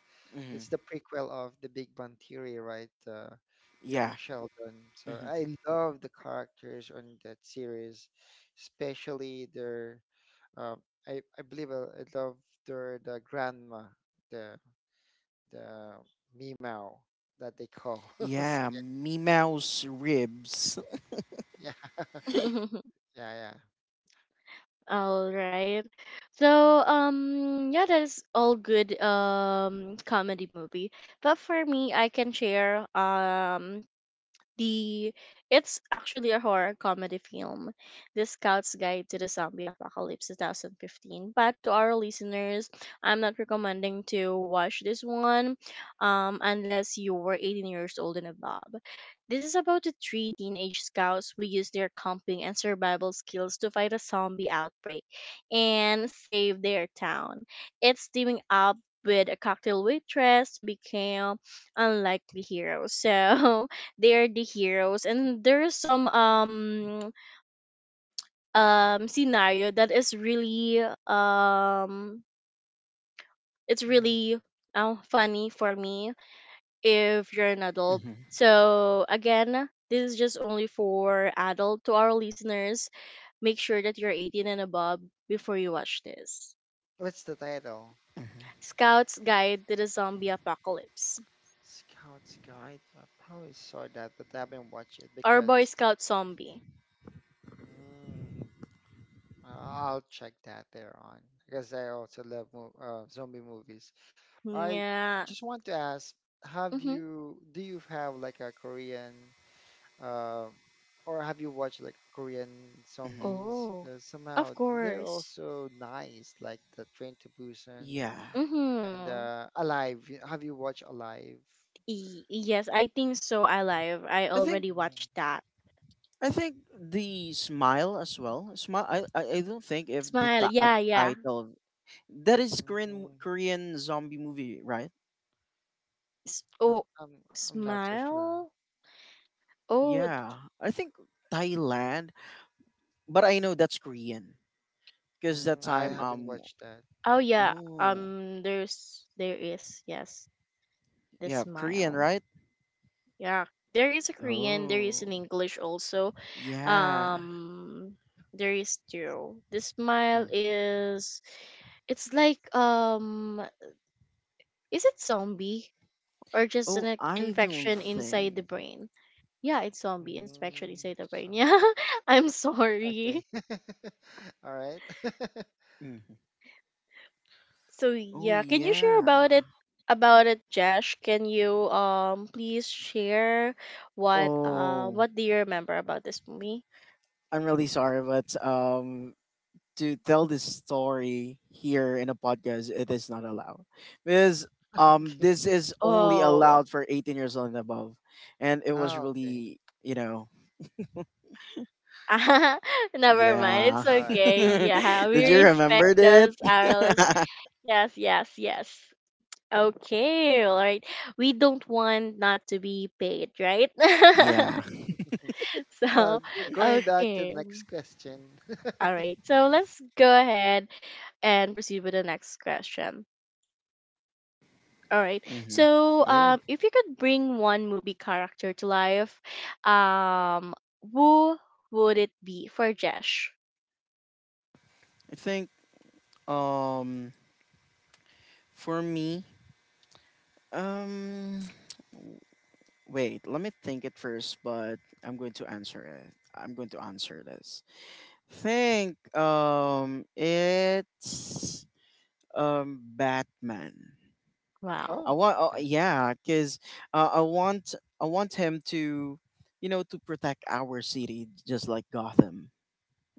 [SPEAKER 3] it's
[SPEAKER 2] Hmm.
[SPEAKER 3] the prequel of the Big Bang Theory, right? Uh, young
[SPEAKER 2] Yeah.
[SPEAKER 3] Sheldon. So
[SPEAKER 2] Hmm.
[SPEAKER 3] I love the characters on that series, especially their. Um, I I believe I, I love their, the grandma, the the Meow that they call. So,
[SPEAKER 2] Yeah, me mouse ribs.
[SPEAKER 3] yeah, yeah, yeah.
[SPEAKER 1] All right. So, um, yeah, that is all good um comedy movie. But for me, I can share, um the it's actually a horror comedy film, The Scout's Guide to the Zombie Apocalypse two thousand fifteen. But to our listeners, I'm not recommending to watch this one, um, unless you were eighteen years old and above. This is about the three teenage scouts who use their camping and survival skills to fight a zombie outbreak and save their town. It's teaming up with a cocktail waitress to become unlikely heroes. So they're the heroes and there's some um um scenario that is really, um it's
[SPEAKER 3] Mhm.
[SPEAKER 1] really uh, funny for me if you're an adult.
[SPEAKER 2] Hmm.
[SPEAKER 1] So again, this is just only for adult. To our listeners, make sure that you're eighteen and above before you watch this.
[SPEAKER 3] What's the title?
[SPEAKER 2] Hmm.
[SPEAKER 1] Scout's Guide to the Zombie Apocalypse.
[SPEAKER 3] Scout's Guide. I probably saw that, but I haven't watched it
[SPEAKER 1] Or
[SPEAKER 3] because
[SPEAKER 1] Boy Scout Zombie.
[SPEAKER 3] mm, I- I'll check that there on, because I also love mo uh, zombie movies. I
[SPEAKER 1] Yeah.
[SPEAKER 3] just want to ask, have
[SPEAKER 1] Mm-hmm.
[SPEAKER 3] you do you have like a Korean, uh, or have you watched like Korean
[SPEAKER 2] Hmm.
[SPEAKER 3] zombies?
[SPEAKER 1] Oh,
[SPEAKER 3] Because
[SPEAKER 1] of
[SPEAKER 3] somehow they're
[SPEAKER 1] course.
[SPEAKER 3] also nice, like the Train to Busan
[SPEAKER 2] Yeah.
[SPEAKER 3] and
[SPEAKER 1] Mm-hmm.
[SPEAKER 3] uh, Alive. Have you watched Alive?
[SPEAKER 1] Y- yes, I think so. Alive, I
[SPEAKER 2] I think
[SPEAKER 1] already
[SPEAKER 3] Mm,
[SPEAKER 1] watched that.
[SPEAKER 2] I think the smile as well. Smile. I I, I don't think if the
[SPEAKER 1] Smile.
[SPEAKER 2] ti- uh,
[SPEAKER 1] Yeah, yeah.
[SPEAKER 2] title, that is Korean,
[SPEAKER 3] mm.
[SPEAKER 2] Korean zombie movie, right?
[SPEAKER 1] S- oh,
[SPEAKER 3] I'm I'm I'm not so sure.
[SPEAKER 1] smile. Oh.
[SPEAKER 2] Yeah. I think Thailand, but I know that's Korean because that
[SPEAKER 3] Mm, I
[SPEAKER 2] time
[SPEAKER 1] th-
[SPEAKER 3] haven't
[SPEAKER 2] um
[SPEAKER 3] watched that.
[SPEAKER 1] oh, yeah.
[SPEAKER 2] oh
[SPEAKER 1] Um, there's there is, yes, the
[SPEAKER 2] yeah, Korean,
[SPEAKER 1] smile.
[SPEAKER 3] Mm,
[SPEAKER 2] right.
[SPEAKER 1] Yeah, there is a Korean. There is
[SPEAKER 2] Oh
[SPEAKER 1] an English also.
[SPEAKER 2] yeah.
[SPEAKER 1] Um, there is two. The smile
[SPEAKER 2] Mm.
[SPEAKER 1] is. It's like, um, is it zombie or just an,
[SPEAKER 2] Oh,
[SPEAKER 1] like,
[SPEAKER 2] I don't
[SPEAKER 1] infection inside the
[SPEAKER 2] think.
[SPEAKER 1] brain? Yeah, it's zombie inspection
[SPEAKER 3] mm,
[SPEAKER 1] inside the brain. Yeah,
[SPEAKER 3] something.
[SPEAKER 1] I'm sorry.
[SPEAKER 3] Okay. All right.
[SPEAKER 2] Mhm.
[SPEAKER 1] So
[SPEAKER 2] Oh,
[SPEAKER 1] yeah, can you share
[SPEAKER 2] yeah.
[SPEAKER 1] about it, about it, Josh? Can you um please share what uh
[SPEAKER 2] Oh,
[SPEAKER 1] what do you remember about this movie?
[SPEAKER 2] I'm really sorry, but um, to tell this story here in a podcast, it is not allowed because um,
[SPEAKER 3] Okay.
[SPEAKER 2] this is only
[SPEAKER 1] Oh,
[SPEAKER 2] allowed for eighteen years old and above, and it was
[SPEAKER 3] Oh, okay.
[SPEAKER 2] really, you know,
[SPEAKER 1] never mind.
[SPEAKER 3] Mm,
[SPEAKER 1] It's
[SPEAKER 2] yeah.
[SPEAKER 3] all right.
[SPEAKER 1] okay.
[SPEAKER 3] Yeah, got it.
[SPEAKER 1] Yeah, we
[SPEAKER 2] Did
[SPEAKER 3] Got
[SPEAKER 2] you
[SPEAKER 3] it.
[SPEAKER 1] respect
[SPEAKER 2] remember
[SPEAKER 3] Got
[SPEAKER 2] it?
[SPEAKER 1] those hourless. Yes, yes, yes. Okay, all right. We don't want not to be paid, right?
[SPEAKER 2] Yeah.
[SPEAKER 3] it. So
[SPEAKER 1] So,
[SPEAKER 3] g- going back to the
[SPEAKER 1] okay.
[SPEAKER 3] next question.
[SPEAKER 1] All right, so let's go ahead and proceed with the next question. All right,
[SPEAKER 2] Mm-hmm.
[SPEAKER 1] so,
[SPEAKER 2] Go.
[SPEAKER 1] um, if you could bring one movie character to life, um, who would it be for Jesh?
[SPEAKER 2] I think um, for me, um. Wait, let me think it first, but I'm going to answer it. I'm going to answer this. Think um it's um Batman.
[SPEAKER 3] Oh,
[SPEAKER 1] Wow.
[SPEAKER 2] I want, oh,
[SPEAKER 3] okay.
[SPEAKER 2] yeah, cuz uh, I want I want him to, you know, to protect our city just like Gotham.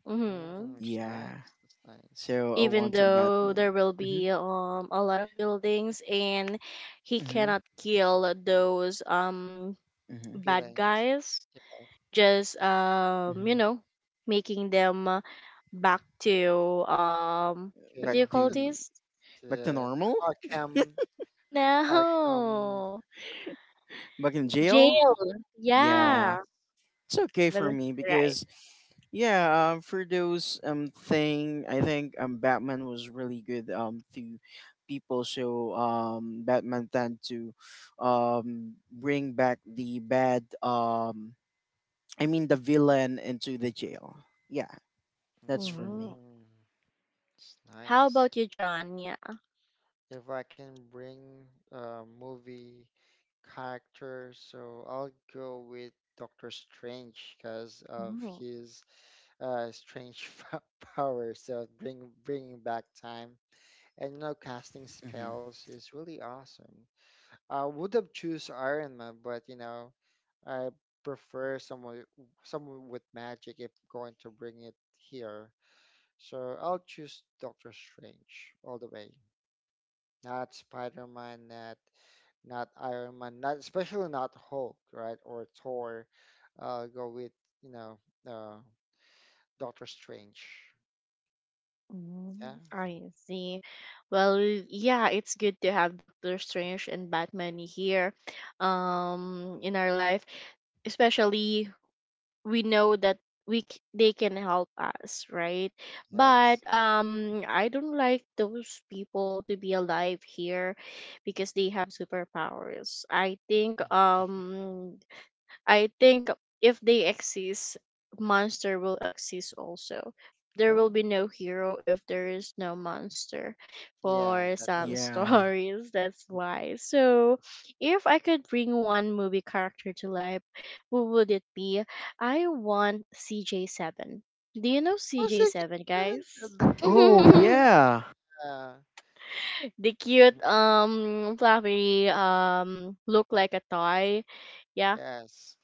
[SPEAKER 1] Mm-hmm.
[SPEAKER 3] Mm, it's
[SPEAKER 2] Yeah.
[SPEAKER 3] nice. That's nice.
[SPEAKER 2] So I
[SPEAKER 1] Even
[SPEAKER 2] want a
[SPEAKER 1] though
[SPEAKER 2] Batman.
[SPEAKER 1] there will
[SPEAKER 2] Mhm.
[SPEAKER 1] be um a lot of buildings and he
[SPEAKER 2] Mhm.
[SPEAKER 1] cannot kill those um
[SPEAKER 2] Mhm.
[SPEAKER 1] bad
[SPEAKER 3] Feelings.
[SPEAKER 1] guys,
[SPEAKER 3] Yeah,
[SPEAKER 1] just um you
[SPEAKER 2] Mhm.
[SPEAKER 1] know making them uh, back to um what do
[SPEAKER 2] Back
[SPEAKER 1] you
[SPEAKER 3] jail.
[SPEAKER 1] call
[SPEAKER 2] to
[SPEAKER 1] this?
[SPEAKER 2] back to
[SPEAKER 3] The
[SPEAKER 2] normal?
[SPEAKER 3] Arkham. Arkham.
[SPEAKER 1] No.
[SPEAKER 2] Back in jail?
[SPEAKER 1] Jail.
[SPEAKER 2] Yeah.
[SPEAKER 3] Yes.
[SPEAKER 1] Yeah.
[SPEAKER 2] It's okay
[SPEAKER 1] But
[SPEAKER 2] for
[SPEAKER 1] that's
[SPEAKER 2] me
[SPEAKER 1] right.
[SPEAKER 2] because yeah, um, for those um thing, I think um Batman was really good um to people. So um Batman tend to um bring back the bad, um I mean the villain, into the jail. Yeah, that's for me.
[SPEAKER 1] Mhm.
[SPEAKER 3] Mm, it's
[SPEAKER 1] How
[SPEAKER 3] nice.
[SPEAKER 1] about you, John? Yeah.
[SPEAKER 3] If I can bring a movie character, so I'll go with Doctor Strange because of
[SPEAKER 1] Mhm.
[SPEAKER 3] his uh, strange fa- power. So bring bringing back time and you know casting
[SPEAKER 2] Hmm.
[SPEAKER 3] spells is really awesome. I would have choose Iron Man, but you know I prefer someone someone with magic if going to bring it here. So I'll choose Doctor Strange all the way. Not Spider-Man, not not Iron Man, not especially not Hulk, right? Or Thor. Uh, go with, you know, uh, Doctor Strange. Yeah.
[SPEAKER 1] Mhm. I see. Well, yeah, it's good to have Doctor Strange and Batman here um in our life, especially we know that we c- they can help us, right? But
[SPEAKER 3] Yes.
[SPEAKER 1] um I don't like those people to be alive here because they have superpowers. i think um I think if they exist, monster will exist also. There will
[SPEAKER 3] Oh,
[SPEAKER 1] be no hero if there is no monster
[SPEAKER 3] yeah,
[SPEAKER 1] for
[SPEAKER 3] that
[SPEAKER 1] some
[SPEAKER 3] makes
[SPEAKER 2] Yeah.
[SPEAKER 3] sense.
[SPEAKER 1] stories. That's why. So, if I could bring one movie character to life, who would it be? I want C J seven. Do you know
[SPEAKER 3] Also, she's
[SPEAKER 1] C J seven,
[SPEAKER 3] doing the
[SPEAKER 1] guys?
[SPEAKER 3] the cute.
[SPEAKER 2] Oh yeah.
[SPEAKER 3] Uh,
[SPEAKER 1] The cute
[SPEAKER 3] Mhm.
[SPEAKER 1] um fluffy um look like a toy. Yeah.
[SPEAKER 3] Yes.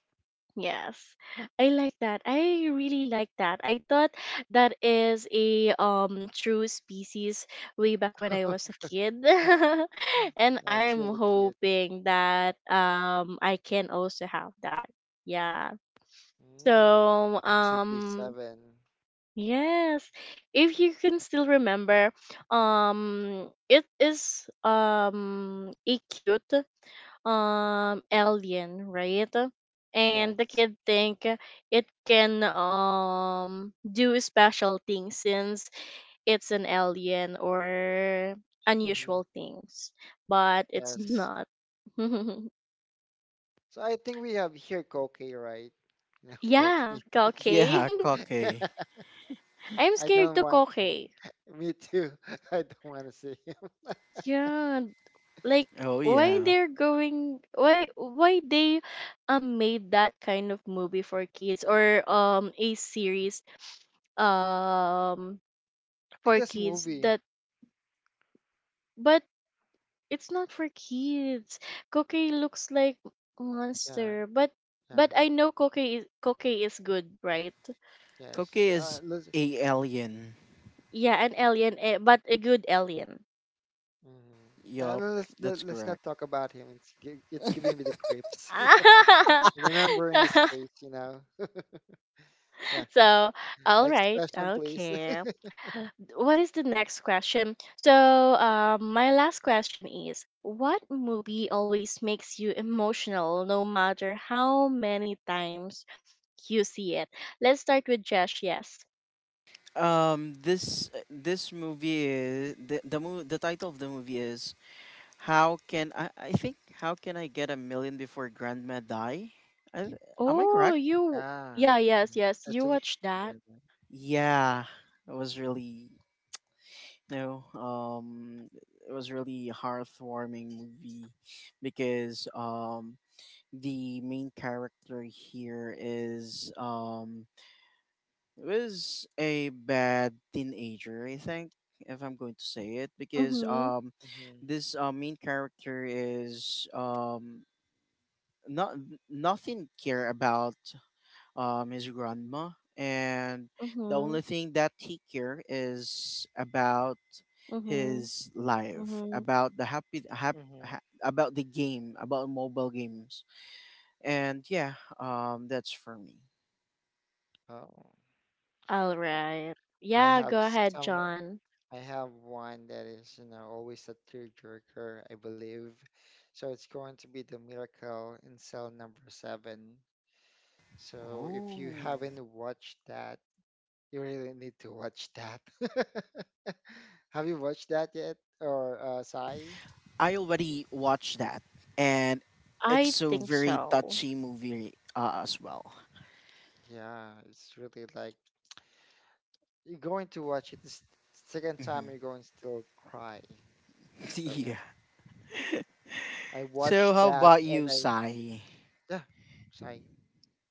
[SPEAKER 1] Yes, I like that. I really like that. I thought that is a um true species way back when I was a kid. And
[SPEAKER 3] Yeah, it's
[SPEAKER 1] I'm
[SPEAKER 3] really cute.
[SPEAKER 1] hoping that um I can also have that. Yeah. So
[SPEAKER 3] Mm,
[SPEAKER 1] um
[SPEAKER 3] C G seven.
[SPEAKER 1] yes, if you can still remember, um it is um a cute um alien, right? And the
[SPEAKER 3] Yes.
[SPEAKER 1] kid think it can um do special things since it's an alien or
[SPEAKER 3] Hmm.
[SPEAKER 1] unusual things, but it's
[SPEAKER 3] Yes.
[SPEAKER 1] not.
[SPEAKER 3] So I think we have here Koki, right? No,
[SPEAKER 1] Yeah,
[SPEAKER 3] Koki.
[SPEAKER 1] okay.
[SPEAKER 2] Yeah, Koke.
[SPEAKER 1] I'm
[SPEAKER 3] I
[SPEAKER 1] scared
[SPEAKER 3] don't
[SPEAKER 1] to
[SPEAKER 3] want him.
[SPEAKER 1] cocaine.
[SPEAKER 3] Me too. I don't want to see him.
[SPEAKER 1] Yeah, like
[SPEAKER 2] Oh
[SPEAKER 1] why
[SPEAKER 2] yeah.
[SPEAKER 1] they're going why why they um made that kind of movie for kids, or um a series um
[SPEAKER 3] I think
[SPEAKER 1] for
[SPEAKER 3] that's a
[SPEAKER 1] kids
[SPEAKER 3] movie.
[SPEAKER 1] that, but it's not for kids. Cookie looks like
[SPEAKER 3] Yeah,
[SPEAKER 1] monster, but
[SPEAKER 3] yeah,
[SPEAKER 1] but I know cookie is cookie is good, right?
[SPEAKER 2] Koke
[SPEAKER 3] yes. Uh,
[SPEAKER 2] is
[SPEAKER 3] let's,
[SPEAKER 2] a alien.
[SPEAKER 1] Yeah, an alien, eh, but a good alien.
[SPEAKER 3] mm, uh,
[SPEAKER 2] Yup,
[SPEAKER 3] let's let,
[SPEAKER 2] that's
[SPEAKER 3] let's not
[SPEAKER 2] correct.
[SPEAKER 3] talk about him. It's gi- it's giving me the creeps. Remembering his face, you know. Yeah.
[SPEAKER 1] So, all
[SPEAKER 3] Next
[SPEAKER 1] right,
[SPEAKER 3] question, please.
[SPEAKER 1] okay. What is the next question? So, um, my last question is, what movie always makes you emotional, no matter how many times you see it? Let's start with Josh. Yes.
[SPEAKER 2] Um, this this movie is the the mo- the title of the movie is How Can I I think, How Can I Get a Million Before Grandma Die? I, am I
[SPEAKER 1] Oh,
[SPEAKER 2] correct?
[SPEAKER 1] you.
[SPEAKER 3] Yeah.
[SPEAKER 1] Yeah. Yes. Yes. You
[SPEAKER 3] That's a new.
[SPEAKER 1] watched that.
[SPEAKER 2] Yeah, it was really no. Um, it was really heartwarming movie because um the main character here is um it was a bad teenager, I think, if I'm going to say it, because
[SPEAKER 1] Mhm.
[SPEAKER 2] um,
[SPEAKER 3] Hmm.
[SPEAKER 2] this uh, main character is um not nothing care about um his grandma, and the
[SPEAKER 1] Mhm.
[SPEAKER 2] only thing that he care is about
[SPEAKER 1] Mhm.
[SPEAKER 2] his life,
[SPEAKER 1] Mhm.
[SPEAKER 2] about the happy hap,
[SPEAKER 3] Hmm.
[SPEAKER 2] ha, about the game, about mobile games, and yeah, um, that's for me.
[SPEAKER 3] Oh,
[SPEAKER 1] All right.
[SPEAKER 3] I
[SPEAKER 1] Yeah.
[SPEAKER 3] have
[SPEAKER 1] Go ahead,
[SPEAKER 3] some.
[SPEAKER 1] John.
[SPEAKER 3] I have one that is, you know, always a tearjerker, I believe. So it's going to be the Miracle in Cell Number Seven. So if you
[SPEAKER 2] Oh.
[SPEAKER 3] haven't watched that, you really need to watch that. Have you watched that yet, or uh, Sai?
[SPEAKER 2] I already watched that, and it's
[SPEAKER 1] I
[SPEAKER 2] so
[SPEAKER 1] think
[SPEAKER 2] very
[SPEAKER 1] so.
[SPEAKER 2] touchy movie uh, as well.
[SPEAKER 3] Yeah, it's really like you're going to watch it the s- second time,
[SPEAKER 2] Hmm.
[SPEAKER 3] you're going to still cry. So
[SPEAKER 2] Yeah.
[SPEAKER 3] yeah, I watched
[SPEAKER 2] So how
[SPEAKER 3] that
[SPEAKER 2] about you,
[SPEAKER 3] and I,
[SPEAKER 2] Sai?
[SPEAKER 3] yeah, Sai.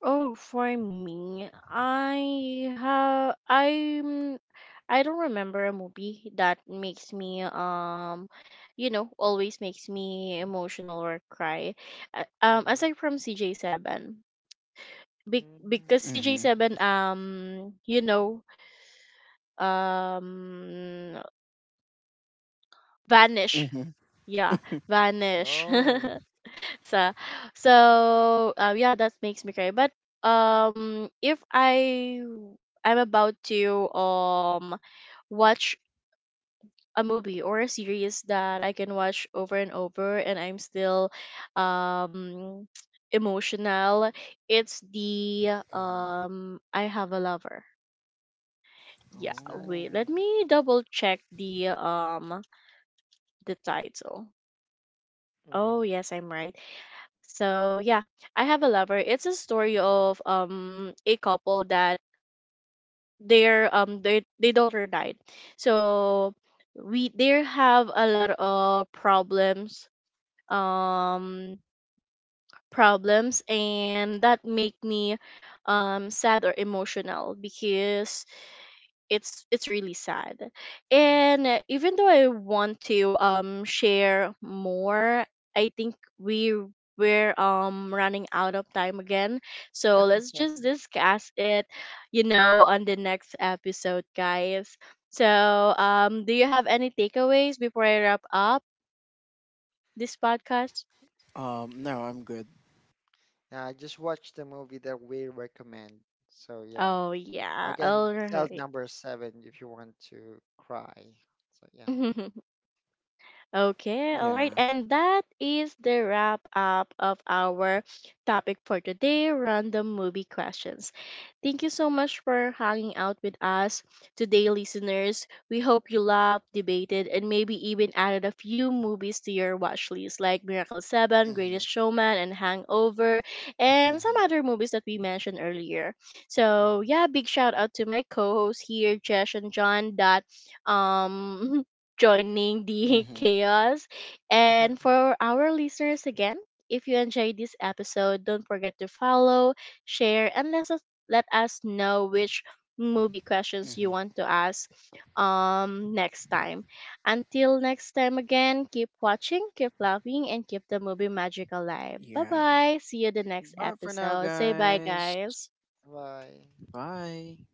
[SPEAKER 1] Oh, for me, I have I'm I don't remember a movie that makes me um you know always makes me emotional or cry. Uh, Um,
[SPEAKER 3] Mhm.
[SPEAKER 1] aside from C J Seven, Be-
[SPEAKER 3] Mm.
[SPEAKER 1] because
[SPEAKER 2] Mm-hmm.
[SPEAKER 1] C J seven um you know um vanish.
[SPEAKER 2] Mm-hmm.
[SPEAKER 1] Yeah, vanish.
[SPEAKER 3] Oh.
[SPEAKER 1] so so uh, yeah, that makes me cry. But um if I I'm about to um watch a movie or a series that I can watch over and over and I'm still um emotional. It's the um I Have a Lover. Yeah,
[SPEAKER 3] What's that?
[SPEAKER 1] wait. Let
[SPEAKER 2] Oh.
[SPEAKER 1] me double check the um the title. Oh,
[SPEAKER 3] Mm-hmm.
[SPEAKER 1] yes, I'm right. So, yeah, I Have a Lover. It's a story of um a couple that their um their their daughter died. So, we there have a lot of problems, um problems, and that make me um sad or emotional because it's it's really sad. And
[SPEAKER 3] Mm-hmm.
[SPEAKER 1] uh, even though I want to um share more, I think we we're um running out of time again, so let's
[SPEAKER 3] Yeah.
[SPEAKER 1] just discuss it, you know on the next episode, guys. So um do you have any takeaways before I wrap up this podcast?
[SPEAKER 2] Um. No, I'm good.
[SPEAKER 3] Yeah, I just watched the movie that we recommend. So yeah.
[SPEAKER 1] Oh, yeah,
[SPEAKER 3] Again,
[SPEAKER 1] all
[SPEAKER 3] cell
[SPEAKER 1] right.
[SPEAKER 3] number seven if you want to cry. So yeah.
[SPEAKER 1] Okay, all right.
[SPEAKER 2] Yeah.
[SPEAKER 1] And that is the wrap up of our topic for today, random movie questions. Thank you so much for hanging out with us today, listeners. We hope you loved, debated, and maybe even added a few movies to your watch list, like Miracle seven,
[SPEAKER 2] Mm-hmm.
[SPEAKER 1] Greatest Showman, and Hangover, and
[SPEAKER 2] Mm-hmm.
[SPEAKER 1] some other movies that we mentioned earlier. So,
[SPEAKER 3] Hmm.
[SPEAKER 1] yeah, big shout out to my co hosts here, Jesh and John, that um joining the
[SPEAKER 2] Mm-hmm.
[SPEAKER 1] chaos. And for our listeners again, if you enjoyed this episode, don't forget to follow, share, and let us let us know which movie questions you
[SPEAKER 2] Mm-hmm.
[SPEAKER 1] want to ask um next time. Until next time again, keep watching, keep loving, and keep the movie magic alive. Bye
[SPEAKER 2] Yeah.
[SPEAKER 1] bye. See you the next
[SPEAKER 2] Bye for now,
[SPEAKER 1] episode. Say bye,
[SPEAKER 2] guys.
[SPEAKER 1] guys.
[SPEAKER 3] Bye.
[SPEAKER 2] Bye.